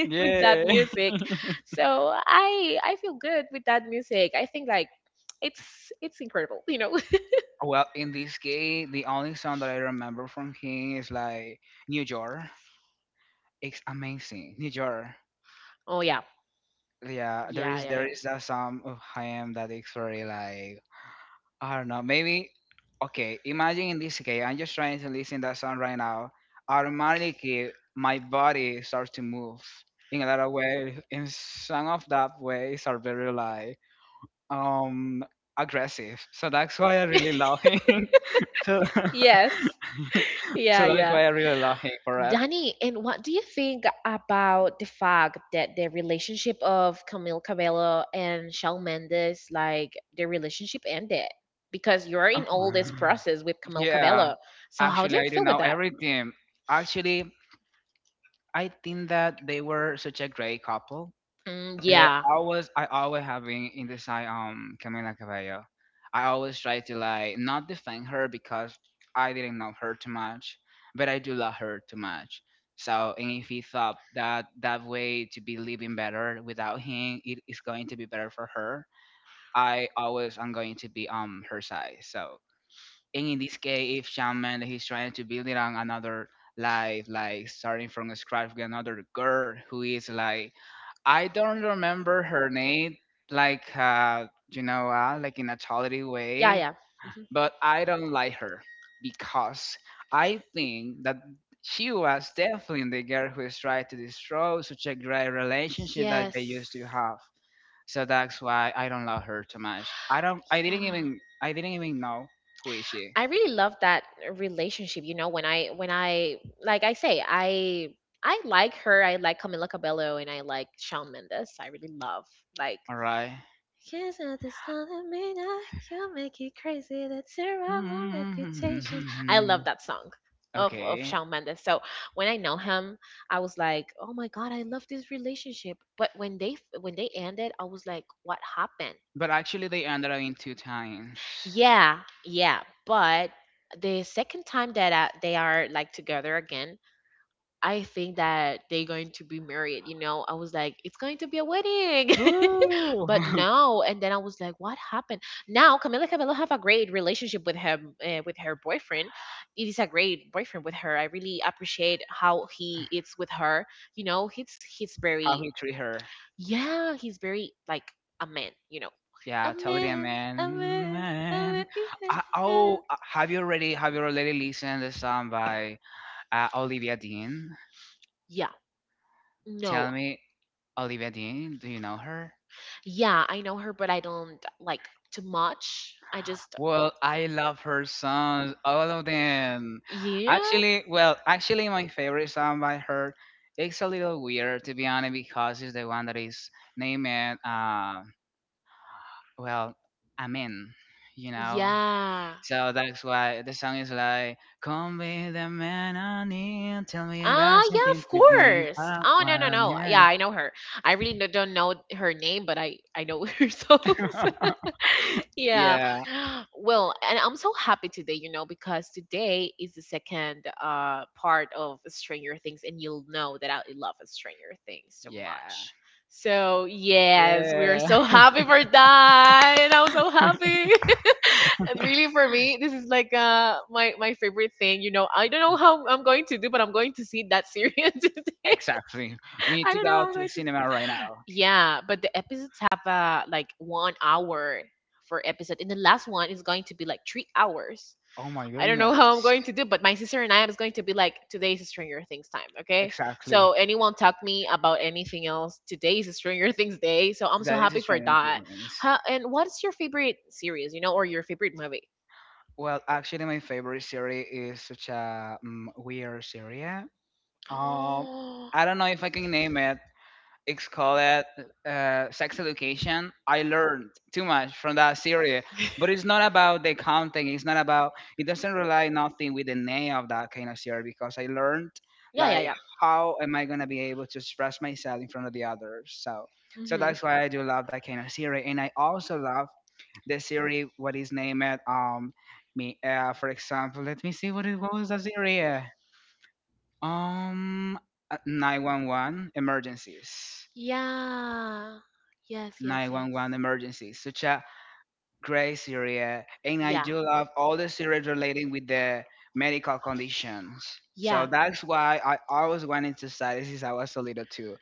C: [laughs] with
B: Yeah.
C: that
B: [laughs]
C: music so I feel good with that music I think like it's incredible you know.
B: Well, in this case, the only song that I remember from him is like New York. It's amazing. New York.
C: [laughs] Oh yeah.
B: Yeah, there
C: Yeah
B: is there
C: yeah
B: is that song of him that is very like I don't know. Maybe okay. Imagine in this case, I'm just trying to listen that song right now. Automatically, my body starts to move in a lot of ways. In some of that ways are very like um aggressive. So that's why I
C: yeah.
B: really love him. [laughs] so
C: [laughs] Yes.
B: so
C: Yeah,
B: that's
C: yeah.
B: why I really love him for it.
C: Danny, and what do you think about the fact that the relationship of Camille Cabello and Shawn Mendes, like their relationship ended? Because you're in all this process with Camille
B: Yeah,
C: Cabello. So how do
B: actually,
C: you
B: I do
C: feel with
B: know
C: that?
B: everything. Actually, I think that they were such a great couple.
C: Mm,
B: But
C: yeah.
B: I always have been in the side Camila Cabello. I always try to like not defend her because I didn't know her too much, but I do love her too much. So, and if he thought that that way to be living better without him, it is going to be better for her. I always am going to be on her side. So, and in this case, if Shawn Mendes he's trying to build it on another life, like starting from scratch with another girl who is like, I don't remember her name, like you know, like in a totally
C: Yeah,
B: way.
C: yeah. Hmm.
B: But I don't like her because I think that she was definitely the girl who is trying to destroy such a great relationship that they
C: Yes.
B: used to have. So that's why I don't love her too much. I don't. I
C: Yeah.
B: didn't even. I didn't even know who is she.
C: I really love that relationship. You know, when I like I say I like her. I like Camila Cabello and I like Shawn Mendes. I really love like.
B: All right.
C: Here's at this time I can make you crazy. That's tear my reputation. I love
B: [laughs]
C: that song of
B: Okay.
C: Shawn Mendes. So when I know him, I was like, oh my god, I love this relationship. But when they ended, I was like, what happened?
B: But actually, they ended up in two times.
C: Yeah, yeah. But the second time that they are like together again, I think that they're going to be married. You know, I was like, it's going to be a wedding, [laughs]
B: Woo!
C: but
B: [laughs]
C: no. And then I was like, what happened? Now Camila Cabello have a great relationship with her boyfriend. It is a great boyfriend with her. I really appreciate how he is with her. You know, he's
B: How
C: very
B: he treat her.
C: yeah, he's very like a man, you know. A
B: Yeah, totally,
C: man, a
B: man.
C: man, a man.
B: Man.
C: Yeah.
B: Have you already listened to the song by Olivia Dean?
C: Yeah, no.
B: Tell me, Olivia Dean, do you know her?
C: Yeah, I know her, but I don't like too much. I just,
B: Well, I love her songs, all of them.
C: yeah,
B: Actually, well, actually, my favorite song by her. It's a little weird to be honest because it's the one that is named uh well, Amen. You know,
C: yeah.
B: so that's why the song is like, "Come be the man I need. Tell me you got
C: Ah, yeah,
B: something
C: of
B: to give
C: course.
B: up
C: Oh, no, no,
B: one."
C: no. Yeah,
B: Yeah,
C: I know her. I really don't know her name, but I know [laughs] her songs.
B: [laughs]
C: [laughs] Yeah.
B: yeah,
C: [gasps] [laughs] Well, and I'm so happy today, you know, because today is the second part of Stranger Things, and you'll know that I love Stranger Things so
B: yeah.
C: much. So yes, we are
B: yeah.
C: so [laughs] happy for that, and I'm so happy. [laughs] And really, for me, this is like my favorite thing. You know, I don't know how I'm going to do, but I'm going to see that series [laughs]
B: [laughs]
C: today.
B: Exactly. We need
C: I
B: to
C: don't know
B: go
C: how I'm
B: to the
C: going
B: cinema right now.
C: yeah, but the episodes have like 1 hour for episode, and the last one is going to be like 3 hours.
B: Oh my
C: I don't know [laughs] how I'm
B: goodness.
C: going to do, but my sister and I is going to be like today's Stranger Things time. Okay,
B: Exactly.
C: so anyone talk me about anything else? Today's Stranger Things day, so I'm so
B: That is a
C: happy for
B: Stranger
C: that.
B: Things.
C: How, and what's your favorite series? You know, or your favorite movie?
B: Well, actually, my favorite series is such a weird series. Um,
C: [gasps]
B: I don't know if I can name it, it's called it, sex education. I learned too much from that series, but it's not about the content. It's not about, it doesn't rely nothing with the name of that kind of series because I learned
C: Yeah, yeah,
B: like
C: yeah.
B: how am I going to be able to express myself in front of the others. So so
C: Hmm.
B: that's why I do love that kind of series. And I also love the series what is named me for example, let me see what it what was the series um 911 emergencies.
C: Yeah. Yes, yes, yes.
B: 911 emergencies. Such a great series, and I
C: Yeah.
B: do love all the series relating with the medical conditions.
C: Yeah.
B: So that's why I always wanted to study since I was a little too.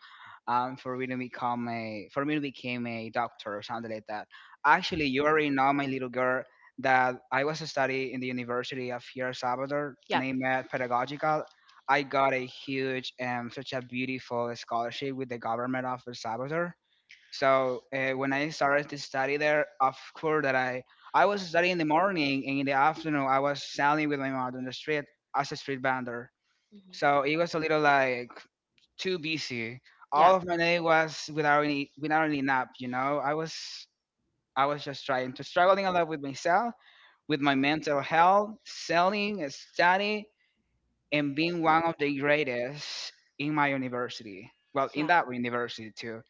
B: For me to become a, for me to become a doctor or something like that. Actually, you already know my little girl that I was studying in the University of here Salvador,
C: Yeah.
B: named Pedagogical. I got a huge, such a beautiful scholarship with the government of El Salvador. So when I started to study there, of course that I was studying in the morning and in the afternoon I was selling with my mother on the street as a street vendor.
C: Mhm.
B: So it was a little like too busy.
C: Yeah.
B: All of my day was without any without any nap. You know, I was, I was just trying to struggling a lot with myself, with my mental health, selling, study, and being one of the greatest in my university. Well, in
C: Yeah.
B: that university too.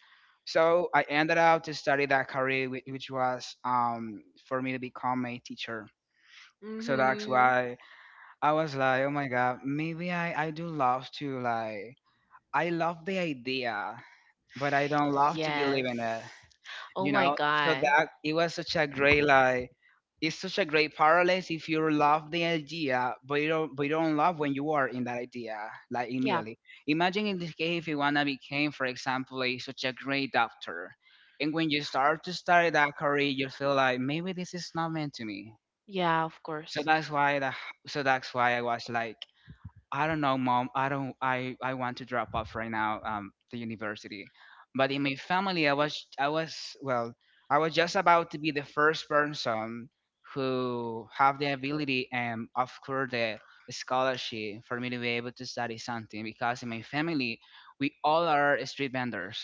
B: So I ended up to study that career, which was for me to become a teacher. So that's
C: Mhm.
B: why I was like, oh my god, maybe I do love to like, I love the idea, but I don't love to believe
C: Yes.
B: in it.
C: Oh
B: You
C: my
B: know, so
C: God.
B: that it was such a great like, it's such a great parallel if you love the idea but you don't, but you don't love when you are in that idea, like
C: Yeah.
B: immediately. Imagine in this case, if you wanna became, for example, a such a great doctor, and when you start to study that career, you feel like maybe this is not meant to me.
C: Yeah, of
B: so
C: course.
B: that's why the, so that's why I was like, I don't know, mom. I don't. I want to drop off right now. The university, but in my family, I was, well, I was just about to be the first person who have the ability and of course the scholarship for me to be able to study something because in my family we all are street vendors.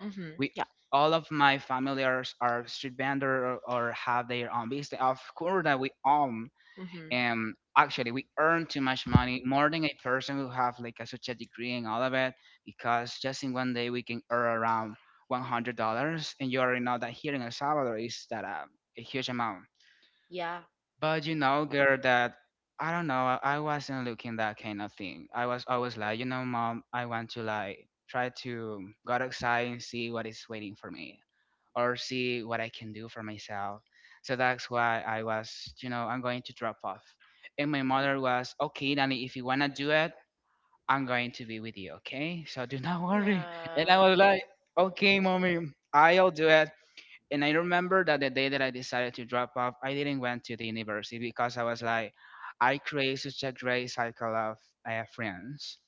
C: Hmm.
B: We,
C: Yeah.
B: all of my family are street vendor, or have their own business. Of course that we all,
C: Hmm.
B: and actually we earn too much money more than a person who have like a, such a degree and all of it, because just in one day we can earn around $100. And you already know that here in El Salvador is that a huge amount.
C: Yeah.
B: But you know girl that I don't know, I wasn't looking that kind of thing. I was always like, you know mom, I want to like try to go outside and see what is waiting for me, or see what I can do for myself. So that's why I was, you know, I'm going to drop off. And my mother was, okay, Danny, if you want to do it, I'm going to be with you, okay? So do [laughs] not worry. And I
C: Yeah.
B: was like, okay, mommy, I'll do it. And I remember that the day that I decided to drop off, I didn't went to the university because I was like, I create such a great cycle of friends.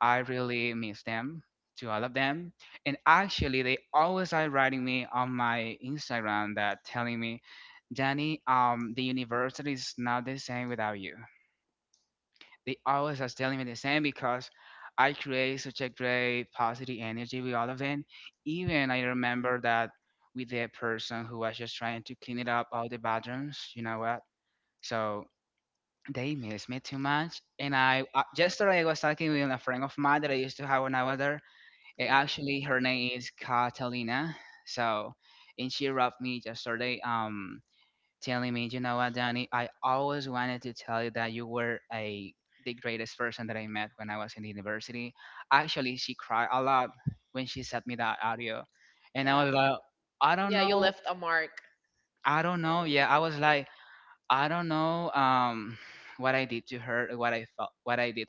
B: I really miss them, to all of them. And actually, they always are writing me on my Instagram that telling me, Danny, the university is not the same without you. They always are telling me the same because I create such a great positive energy with all of them. Even I remember that with the person who was just trying to clean it up all the bathrooms, you know what? So they miss me too much. And I yesterday I was talking with a friend of mine that I used to have when I was there. Eh,
C: Yeah.
B: actually, her name is Catalina. So, and she wrote me yesterday, telling me, you know what, Danny, I always wanted to tell you that you were a, the greatest person that I met when I was in the university. Actually, she cried a lot when she sent me that audio, and I
C: Yeah.
B: was like, I don't know, I don't know. Yeah, I was like, I don't know, what I did to her, what I felt, what I did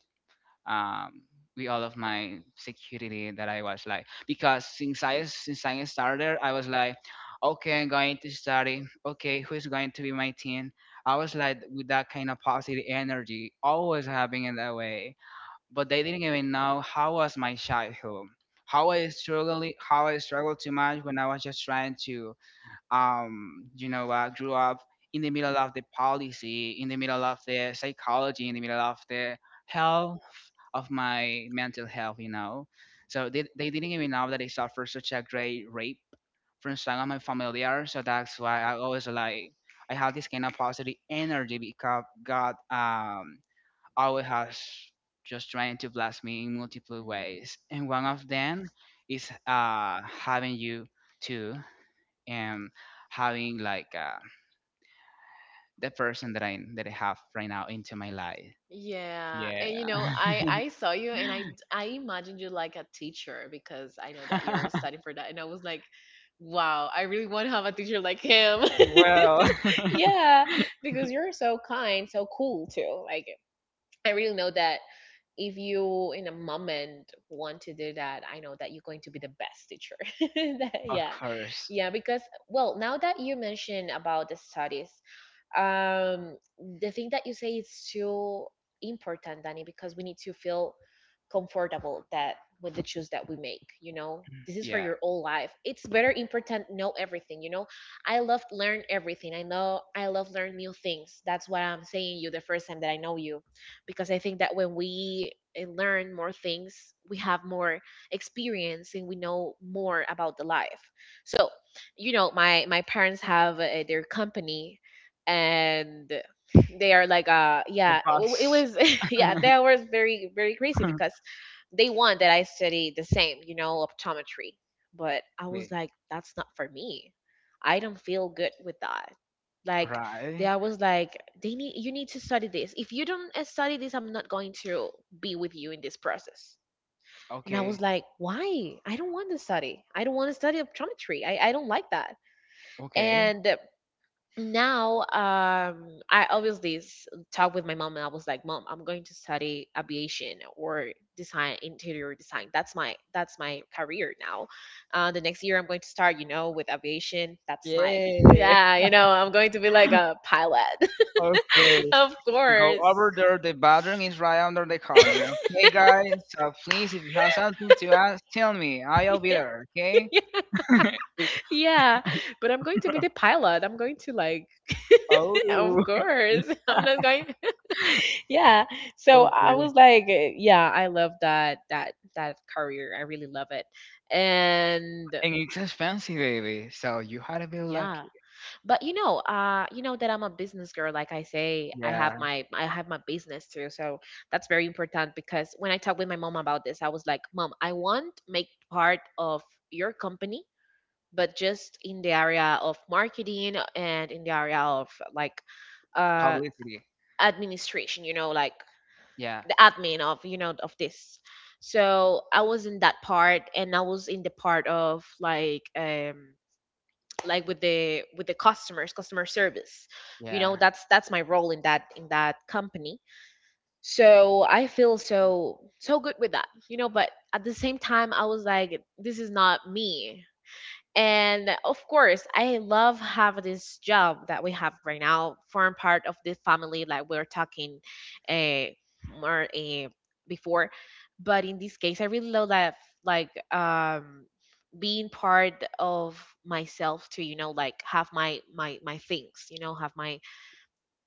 B: um with all of my security that I was like, because since I started I was like, okay, I'm going to study, okay, who's going to be my team. I was like with that kind of positive energy always having it that way. But they didn't even know how was my childhood, how I struggled, how I struggled too much when I was just trying to you know, grew up in the middle of the policy, in the middle of the psychology, in the middle of the health of my mental health, you know. So they didn't even know that I suffered such a great rape from some of my familiar. So that's why I always like, I have this kind of positive energy because God always has just trying to bless me in multiple ways. And one of them is having you too, and having like the person that I have right now into my life.
C: Yeah,
B: Yeah.
C: and you know, I saw you and I imagined you like a teacher because I know that you're
B: [laughs]
C: studying for that and I was like, wow, I really want to have a teacher like him. [laughs]
B: well,
C: Yeah, because you're so kind, so cool too. Like I really know that if you in a moment want to do that I know that you're going to be the best teacher. [laughs] That-
B: [laughs] of
C: yeah,
B: course.
C: yeah because well now that you mentioned about the studies the thing that you say is so important, Danny, because we need to feel comfortable that with the choice that we make, you know, this is for
B: Yeah.
C: your whole life. It's very important know everything, you know. I love learn everything. I know I love learn new things. That's what I'm saying you the first time that I know you, because I think that when we learn more things, we have more experience and we know more about the life. So, you know, my parents have their company, and they are like
B: The
C: yeah, it
B: bus.
C: was [laughs] yeah, that was very very crazy because they want that I study the same optometry. But I
B: [laughs]
C: was
B: Wait,
C: like, that's not for me. I don't feel good with that, like they
B: right.
C: I was like, they need you need to study this. If you don't study this, I'm not going to be with you in this process. And I
B: Okay.
C: was like, why? I don't want to study optometry. I don't like that.
B: Okay.
C: And now I obviously talked with my mom, and I was like, mom, I'm going to study aviation or design interior design. That's my career now. The next year I'm going to start with aviation. That's my [laughs]
B: Yeah.
C: yeah, you know, I'm going to be like a pilot. [laughs]
B: Okay.
C: Of
B: Go
C: course.
B: over there. The bathroom is right under the corner. Hey guys, so please, if you have something to ask, tell me. I'll
C: [laughs]
B: be
C: Yeah,
B: there. Okay.
C: yeah, but I'm going to be the pilot. I'm going to like
B: [laughs]
C: [laughs] of
B: oh.
C: course [laughs] I'm not
B: [laughs]
C: going. Yeah. So I
B: Okay.
C: was like, yeah, I love that, that career. I really love it. And
B: And it's expensive, baby. So you had to be
C: yeah,
B: lucky.
C: but you know, you know that I'm a business girl, like I say. i have
B: Yeah.
C: my i have my business too. So that's very important, because when I talked with my mom about this, I was like, mom, I want make part of your company, but just in the area of marketing and in the area of, like uh
B: Publicity.
C: administration, you know, like
B: Yeah.
C: admin of, you know, of this. So I was in that part, and I was in the part of, like with the customer service, you know.
B: Yeah.
C: That's my role in that company. So I feel so so good with that, you know, but at the same time I was like, this is not me. And of course, I love have this job that we have right now, form part of the family, like we are talking uh, more before. But in this case, I really love that, like being part of myself to, you know, like have my things, you know, have my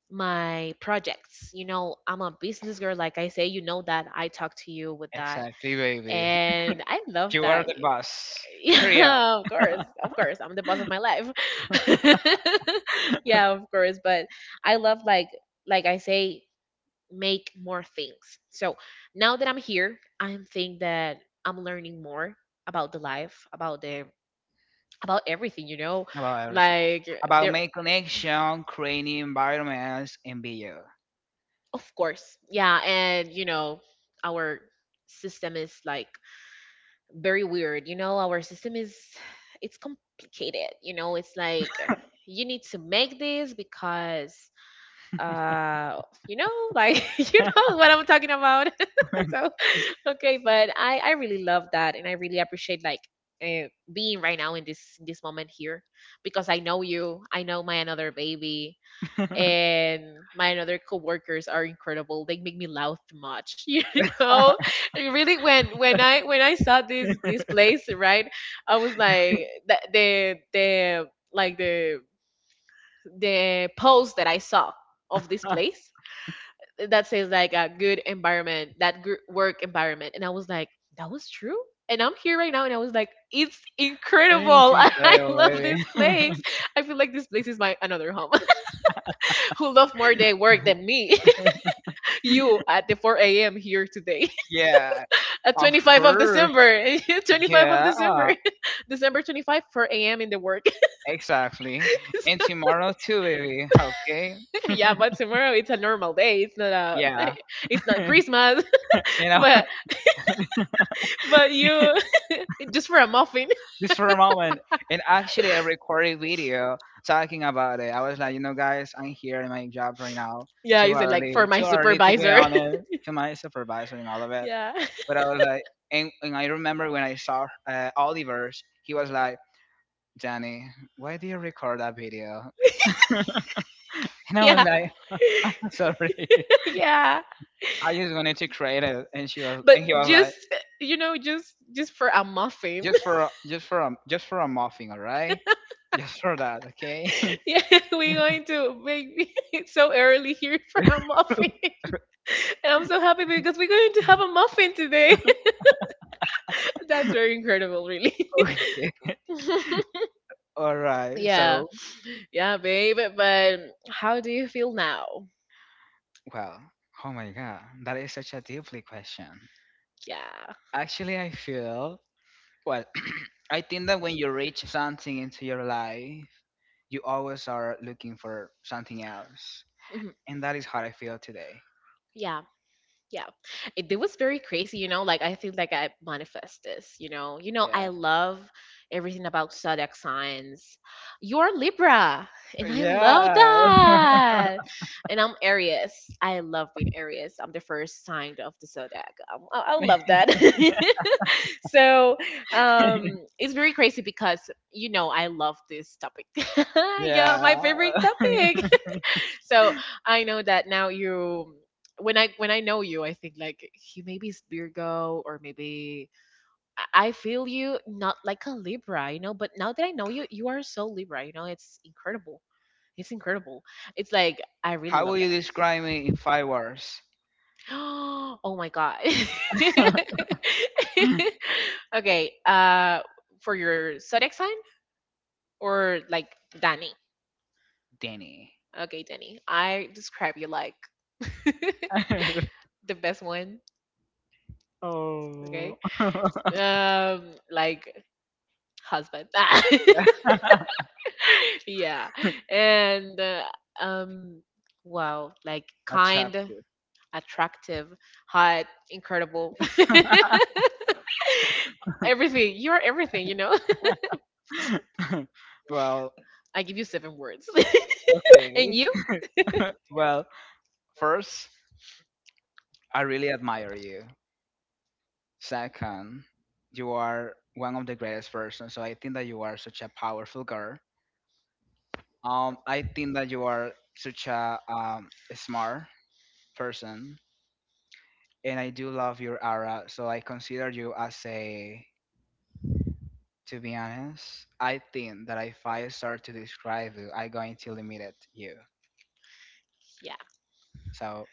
C: my projects. You know, I'm a business girl, like I say, you know that I talk to you with that.
B: Exactly, baby. [laughs]
C: And I love
B: You are
C: that.
B: the
C: [laughs]
B: boss. Period.
C: Yeah, of course. Of course. I'm the boss of my life. [laughs] Yeah, of course. But I love, like I say, make more things. So now that I'm here, I'm think that I'm learning more about the life, about the about everything, you know?
B: About everything.
C: Like
B: About
C: there,
B: make connection, creating environments, and video.
C: of course. Yeah, and you know, our system is like very weird. You know, our system is, it's complicated. You know, it's like you need to make this because, uh you know, like [laughs] you
B: [laughs]
C: know what I'm talking about. [laughs] So, okay, but I really love that, and I really appreciate, like, being right now in this moment here, because I know you, I know my another baby,
B: It's
C: and my other coworkers are incredible. They make me laugh too much, [laughs] you know. And really, when I saw this place, right, I was like like the the post that I saw of this place, that says like a good environment, that good work environment, and I was like, that was true. And I'm here right now, and I was like, it's incredible. [laughs] I
B: incredible,
C: love this
B: baby.
C: place.
B: [laughs]
C: I feel like this place is my another home. [laughs] Who love more their work than me? You at the 4 a.m. here today
B: yeah.
C: [laughs] at
B: Of
C: 25 of
B: course.
C: December. [laughs] 25 of
B: Yeah.
C: December. [laughs] December 25, 4 a.m. in the work.
B: Exactly. And tomorrow too, baby. Okay.
C: [laughs] Yeah, but tomorrow it's a normal day. It's not a
B: Yeah.
C: [laughs] it's not
B: [laughs]
C: Christmas. [laughs]
B: And
C: but but you [laughs] just for a muffin. [laughs]
B: just for a moment. And actually, I recorded a video talking about it. I was like, you know, guys, I'm here in my job right now.
C: Yeah, you said like for my
B: Too early to be
C: supervisor.
B: honest to my supervisor and all of
C: [laughs]
B: it.
C: Yeah. [laughs]
B: But I was like, and I remember when I saw Oliver's, he was like, Danny, why do you record that video? [laughs] And I was
C: Yeah.
B: like, [laughs] sorry,
C: [laughs] Yeah.
B: I just wanted to create it. And she was,
C: But
B: and he was
C: just,
B: like,
C: just for a muffin.
B: just for a muffin, all right? Just for that, okay?
C: [laughs] Yeah, we're going to make [laughs] it so early here for a muffin. [laughs]
B: [laughs]
C: And I'm so happy because we're going to have a muffin today. [laughs] That's very incredible, really.
B: okay.
C: [laughs]
B: All right.
C: Yeah,
B: So,
C: yeah, babe. But how do you feel now?
B: well, oh my God, that is such a deeply question.
C: Yeah.
B: Actually, I feel, well, [clears throat] I think that when you reach something into your life, you always are looking for something else.
C: Mhm.
B: And that is how I feel today.
C: Yeah, yeah. It was very crazy, you know, like I feel like I manifest this, you know. You know,
B: Yeah.
C: I love everything about zodiac signs. You're Libra, and I love
B: Yeah.
C: that. And I'm Aries. I love being Aries. I'm the first sign of the zodiac. I love that. [laughs] So,
B: [laughs]
C: it's very crazy because, you know, I love this topic. [laughs]
B: yeah.
C: Yeah, my favorite topic. So I know that now you, when I know you, I think like, he maybe is Virgo, or maybe I feel you not like a Libra, you know, but now that I know you, you are so Libra, you know, it's incredible. It's incredible. It's like, I really
B: How will
C: love
B: you describe me in
C: that.
B: five words?
C: [gasps] Oh my god. [laughs]
B: [clears throat]
C: Okay, for your zodiac sign, or like, Danny?
B: Danny.
C: Okay, Danny, I describe you like [laughs]
B: [laughs]
C: the best one.
B: oh.
C: Okay,
B: [laughs]
C: like, husband. [laughs] Yeah, and um, wow, like, kind,
B: Attractive.
C: attractive, hot, incredible. [laughs] Everything. You're everything. You know. [laughs]
B: [laughs] well,
C: I give you seven words. [laughs] And
B: okay.
C: you?
B: Well, first, I really admire you. Second, you are one of the greatest persons. So I think that you are such a powerful girl. I think that you are such a smart person, and I do love your aura. So I consider you as a. To be honest, I think that if I start to describe you, I'm going to limit you. So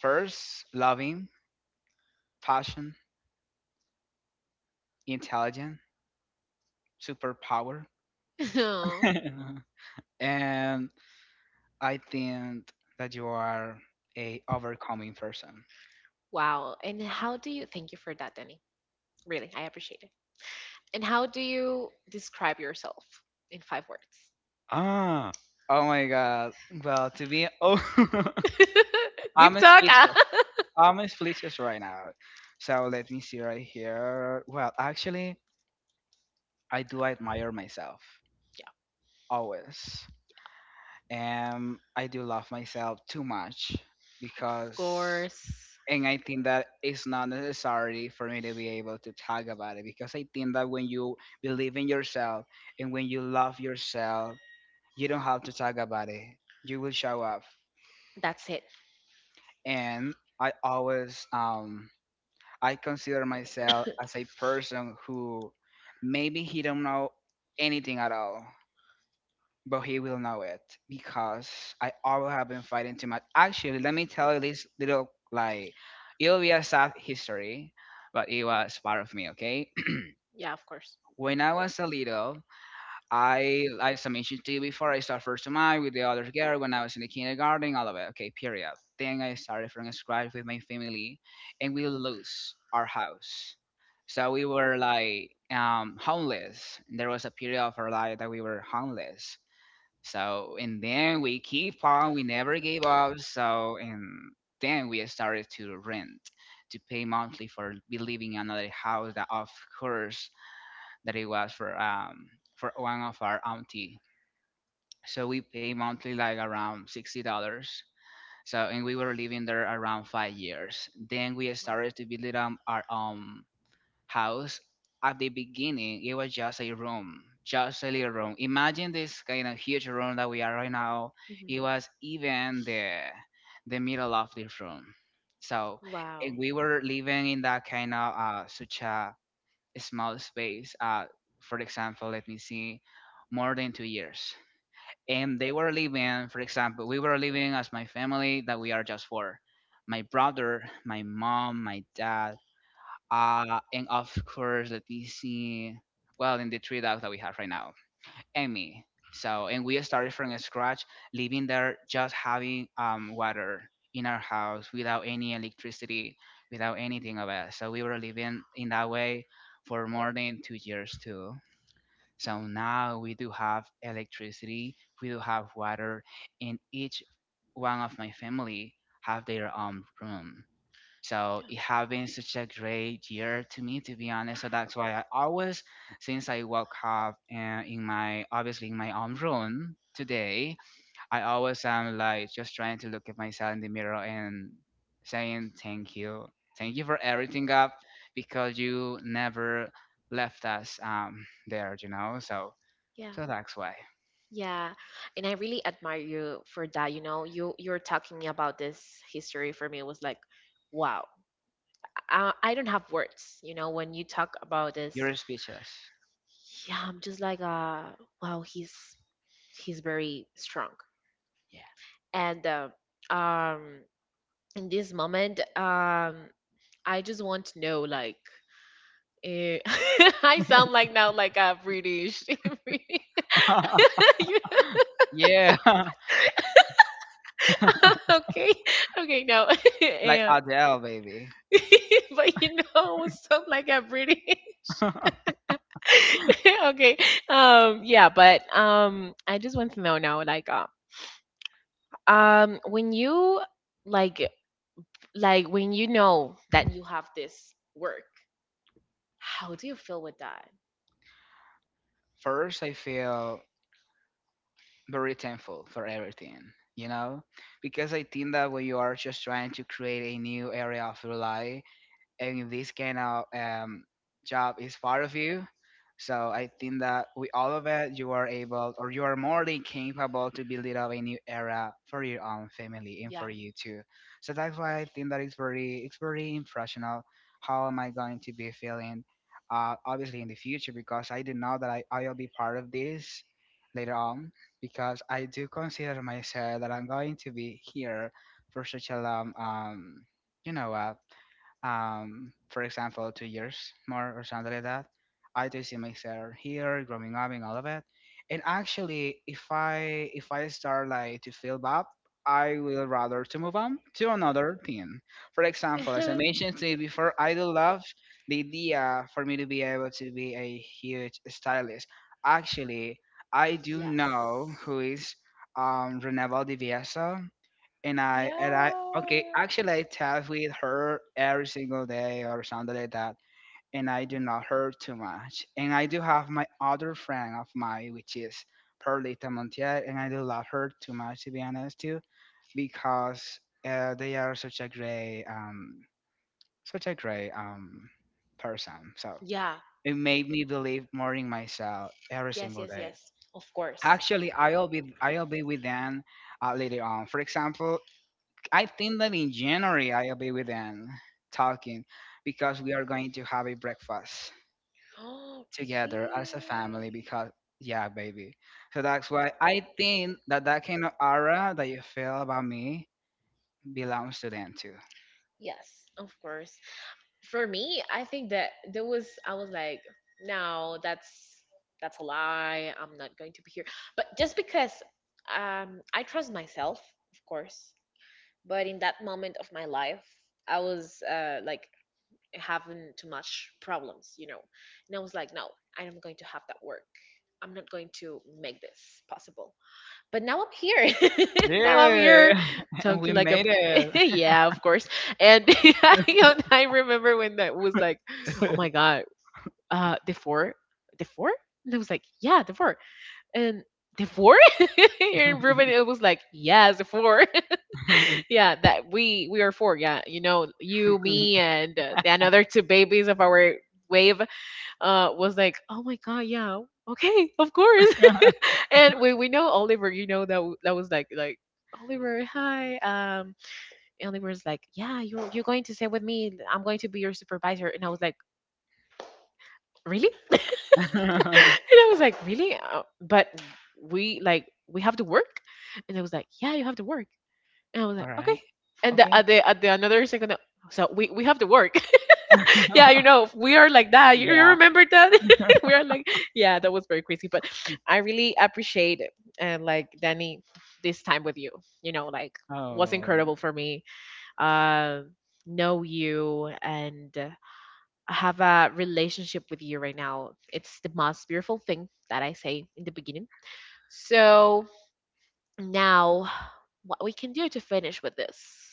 B: first, loving, passion, intelligent, superpower.
C: Yeah. [laughs]
B: [laughs] And I think that you are a overcoming person.
C: Wow. And how do you? Thank you for that, Danny. Really, I appreciate it. And how do you describe yourself in five words?
B: Ah, oh my god. Well, to be oh, [laughs]
C: [laughs]
B: I'm
C: Deep talk. Ah.
B: speechless.
C: [laughs] Yeah,
B: I'm speechless right now. So let me see right here. Well, actually, I do admire myself always, and I do love myself too much
C: of
B: because,
C: course.
B: and I think that it's not necessary for me to be able to talk about it because I think that when you believe in yourself and when you love yourself, you don't have to talk about it. You will show up.
C: That's it.
B: And I always I consider myself as a person who maybe he don't know anything at all, but he will know it because I always have been fighting too much. Actually, let me tell you this little like it'll be a sad history, but it was part of me, okay?
C: Yeah, of course.
B: [clears throat] When I was a little, I mentioned to you before I start first to mine with the other girl when I was in the kindergarten, all of it. Okay, period. Then I started from scratch with my family and we lose our house. So we were like homeless. There was a period of our life that we were homeless. So and then we keep on, we never gave up. So and then we started to rent to pay monthly for be living in another house that of course that it was for for one of our auntie. So we pay monthly like around $60. So and we were living there around 5 years. Then we started to build it up our own house. At the beginning, it was just a room, just a little room. Imagine this kind of huge room that we are right now. It
C: Mhm.
B: was even the middle of the room. So
C: Wow.
B: and we were living in that kind of such a small space. For example, let me see, more than 2 years. And they were living, for example, we were living as my family that we are just four. My brother, my mom, my dad, and of course, let me see, well, in the three dogs that we have right now and me. So, and we started from scratch, living there, just having water in our house without any electricity, without anything of it. So we were living in that way for more than 2 years too. So now we do have electricity, we do have water, and each one of my family have their own room. So it has been such a great year to me, to be honest. So that's why I always, since I woke up in my, obviously in my own room today, I always am like just trying to look at myself in the mirror and saying thank you for everything up, because you never left us there. So
C: Yeah. Yeah.
B: so that's why
C: Yeah, and I really admire you for that. You know, you're talking me about this history. For me, it was like, wow, I don't have words, you know, when you talk about this.
B: you're speechless.
C: Yeah, I'm just like, wow, he's very strong. And um, in this moment, I just want to know, like, eh, [laughs] I
B: Yeah,
C: sound like now like a British. [laughs] You-
B: [laughs] yeah, [laughs]
C: [laughs] okay, okay, no, [laughs]
B: like
C: Eh,
B: Adele, baby.
C: [laughs] but you know, sound like a British.
B: [laughs]
C: [laughs] Okay, yeah, but I just want to know now, like, when you, like like when you know that you have this work, how do you feel with that?
B: First, I feel very thankful for everything, you know? Because I think that when you are just trying to create a new area of your life, and if this kind of job is part of you, so I think that with all of it you are able or you are more than capable to build it up a new era for your own family and
C: Yeah.
B: for you too. So that's why I think that it's very impressional how am I going to be feeling, obviously in the future, because I do know that I'll be part of this later on because I do consider myself that I'm going to be here for such a long you know what, for example, 2 years more or something like that. I do see myself here, growing up and all of it. And actually, if I start like to feel bad, I will rather to move on to another thing. For example, as I
C: [laughs]
B: mentioned to you before, I do love the idea for me to be able to be a huge stylist. Actually, I do
C: Yes,
B: know who is Renewal de, and I okay
C: yeah,
B: actually I chat with her every single day or something like that, and I do not hurt too much, and I do have my other friend of mine, which is Perlita Montiel, and I do love her too much, to be honest too, because they are such a great person. So
C: yeah,
B: it made me believe more in myself every
C: yes,
B: single
C: yes,
B: day.
C: yes. Of course.
B: Actually, I'll be
C: [gasps]
B: I'll be with them later on. For example, I think that in January I'll be with them talking because we are going to have a breakfast
C: Oh,
B: together as a family
C: really?
B: because, yeah, baby. So that's why I think that that kind of aura that you feel about me belongs to them too.
C: Yes, of course. For me, I think that there was I was like, no, that's a lie. I'm not going to be here. But just because I trust myself, of course. But in that moment of my life, I was like, having too much problems, you know. And I was like, no, I'm not going to have that work. I'm not going to make this possible, but now I'm here. [laughs] Now I'm
B: Yeah.
C: here
B: [laughs] And we
C: talking like a
B: made it.
C: [laughs] yeah, of course. And [laughs] I, you know, I remember when that was like, oh my
B: [laughs]
C: god, uh, the four, the four, and I was like, yeah, the four, and the four. [laughs] And Ruben, it was like, yes, the four. [laughs] Yeah, that we are four. Yeah, you know, you, me, and the another two babies of our wave, was like, "Oh my god, yeah, okay, of course." [laughs] And when we know Oliver, you know that that was like, Oliver, hi. Oliver's like, "Yeah, you're going to stay with me. I'm going to be your supervisor." And I was like, "Really?" [laughs] And I was like, "Really?" But we have to work, and I was like, "Yeah, you have to work." And I was like,
B: All
C: "Okay."
B: right.
C: And the,
B: Okay.
C: at the at the another second, so we have to work. [laughs] Yeah, you know, we are like that. You
B: Yeah.
C: remember that? [laughs] We are like, yeah, that was very crazy. But I really appreciate, and like, Danny, this time with you. You know, like, was
B: Oh.
C: incredible for me. Uh, know you, and have a relationship with you right now. It's the most beautiful thing that I say in the beginning. So now, what we can do to finish with this?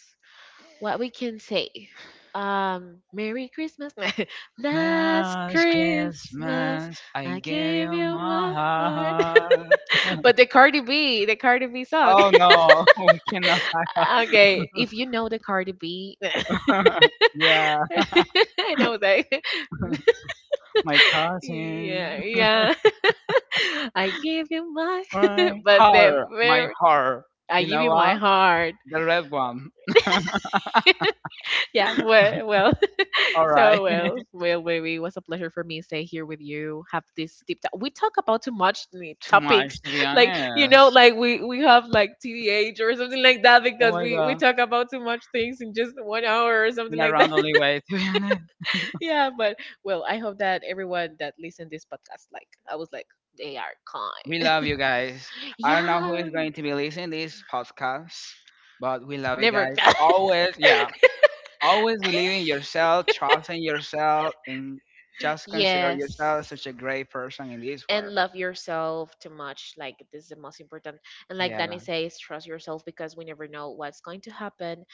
C: What we can say? Merry Christmas. [laughs] Last
B: Last
C: Christmas,
B: Christmas, I
C: I
B: gave
C: gave
B: you
C: you
B: my
C: my heart.
B: heart.
C: [laughs] But the Cardi B, song.
B: Oh no, [laughs] we cannot.
C: [laughs] Okay, if you know the Cardi B. [laughs]
B: [laughs] Yeah,
C: I know that.
B: my
C: [laughs]
B: cousin,
C: Yeah, yeah. [laughs] I give you my [laughs]
B: my
C: but the
B: heart, my
C: very,
B: heart.
C: I
B: You
C: give
B: know
C: you my
B: what?
C: heart.
B: The red one.
C: [laughs] Yeah, well.
B: All right.
C: So
B: [laughs]
C: well, well, baby, it was a pleasure for me to stay here with you. Have this deep dive. We talk about too much
B: Too much,
C: topics,
B: to be
C: [laughs] like, you
B: honest.
C: know, like we have like TDH or something like that,
B: Oh
C: because
B: my
C: we
B: god.
C: talk about too much things in just one hour or something
B: In a
C: like that.
B: rounderly way, [laughs] to be honest.
C: [laughs] Yeah, but well, I hope that everyone that listened this podcast, like, I was like, they are
B: We
C: kind.
B: love you guys. I don't know who
C: Yeah,
B: is going to be listening this podcast, but we love you
C: never.
B: guys. Always, yeah. Always believe in yourself, trust in yourself, and
C: [laughs]
B: just consider
C: Yes.
B: yourself such a great person in this world.
C: And love yourself too much, like, this is the most important. And like Danny
B: Yeah.
C: says, trust yourself, because we never know what's going to happen.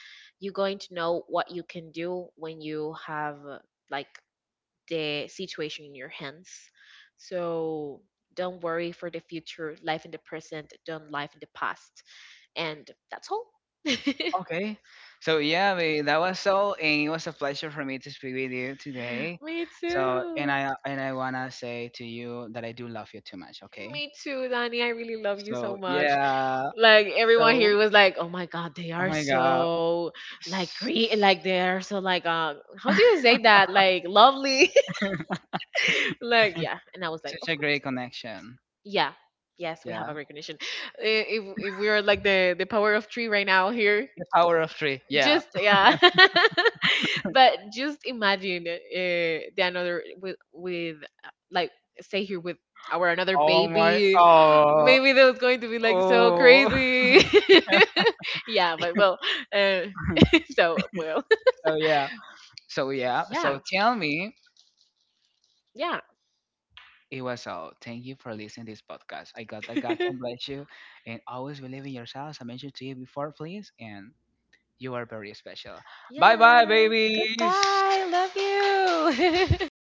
C: You're going to know what you can do when you have like, the situation in your hands. So don't worry for the future, life in the present, don't live in the past. And that's all. [laughs]
B: Okay. So yeah, we, that was all, and it was a pleasure for me to speak with you today.
C: Me
B: So and
C: too.
B: I and I wanna say to you that I do love you too much. Okay.
C: Me too, Donnie. I really love you
B: So
C: so much.
B: yeah.
C: Like everyone
B: So
C: here was like, "Oh my God, they
B: oh
C: are
B: my god,
C: so, like, green, like they are so, like, how do
B: [laughs]
C: you say that? Like, lovely, [laughs] like, yeah." And I was like,
B: such
C: "Of
B: a
C: course,
B: great connection.
C: yeah, yes, we have a
B: Yeah.
C: recognition. If we are like the power of three right now here,
B: The power of three. Yeah.
C: just yeah." [laughs] But just imagine, the another with like, stay here with our another
B: Oh my.
C: baby. [gasps]
B: Oh.
C: Maybe that was going to be like so
B: Oh. [laughs]
C: crazy. [laughs] Yeah, but well, uh, [laughs] so, well.
B: So yeah. So yeah.
C: [laughs] Yeah,
B: So tell me.
C: yeah.
B: It was all. Thank you for listening to this podcast. I got that [laughs] God can bless you
C: [laughs]
B: and always believe in yourself. As I mentioned to you before, please. And you are very special. Bye bye,
C: Yes,
B: babies.
C: goodbye, love you. [laughs]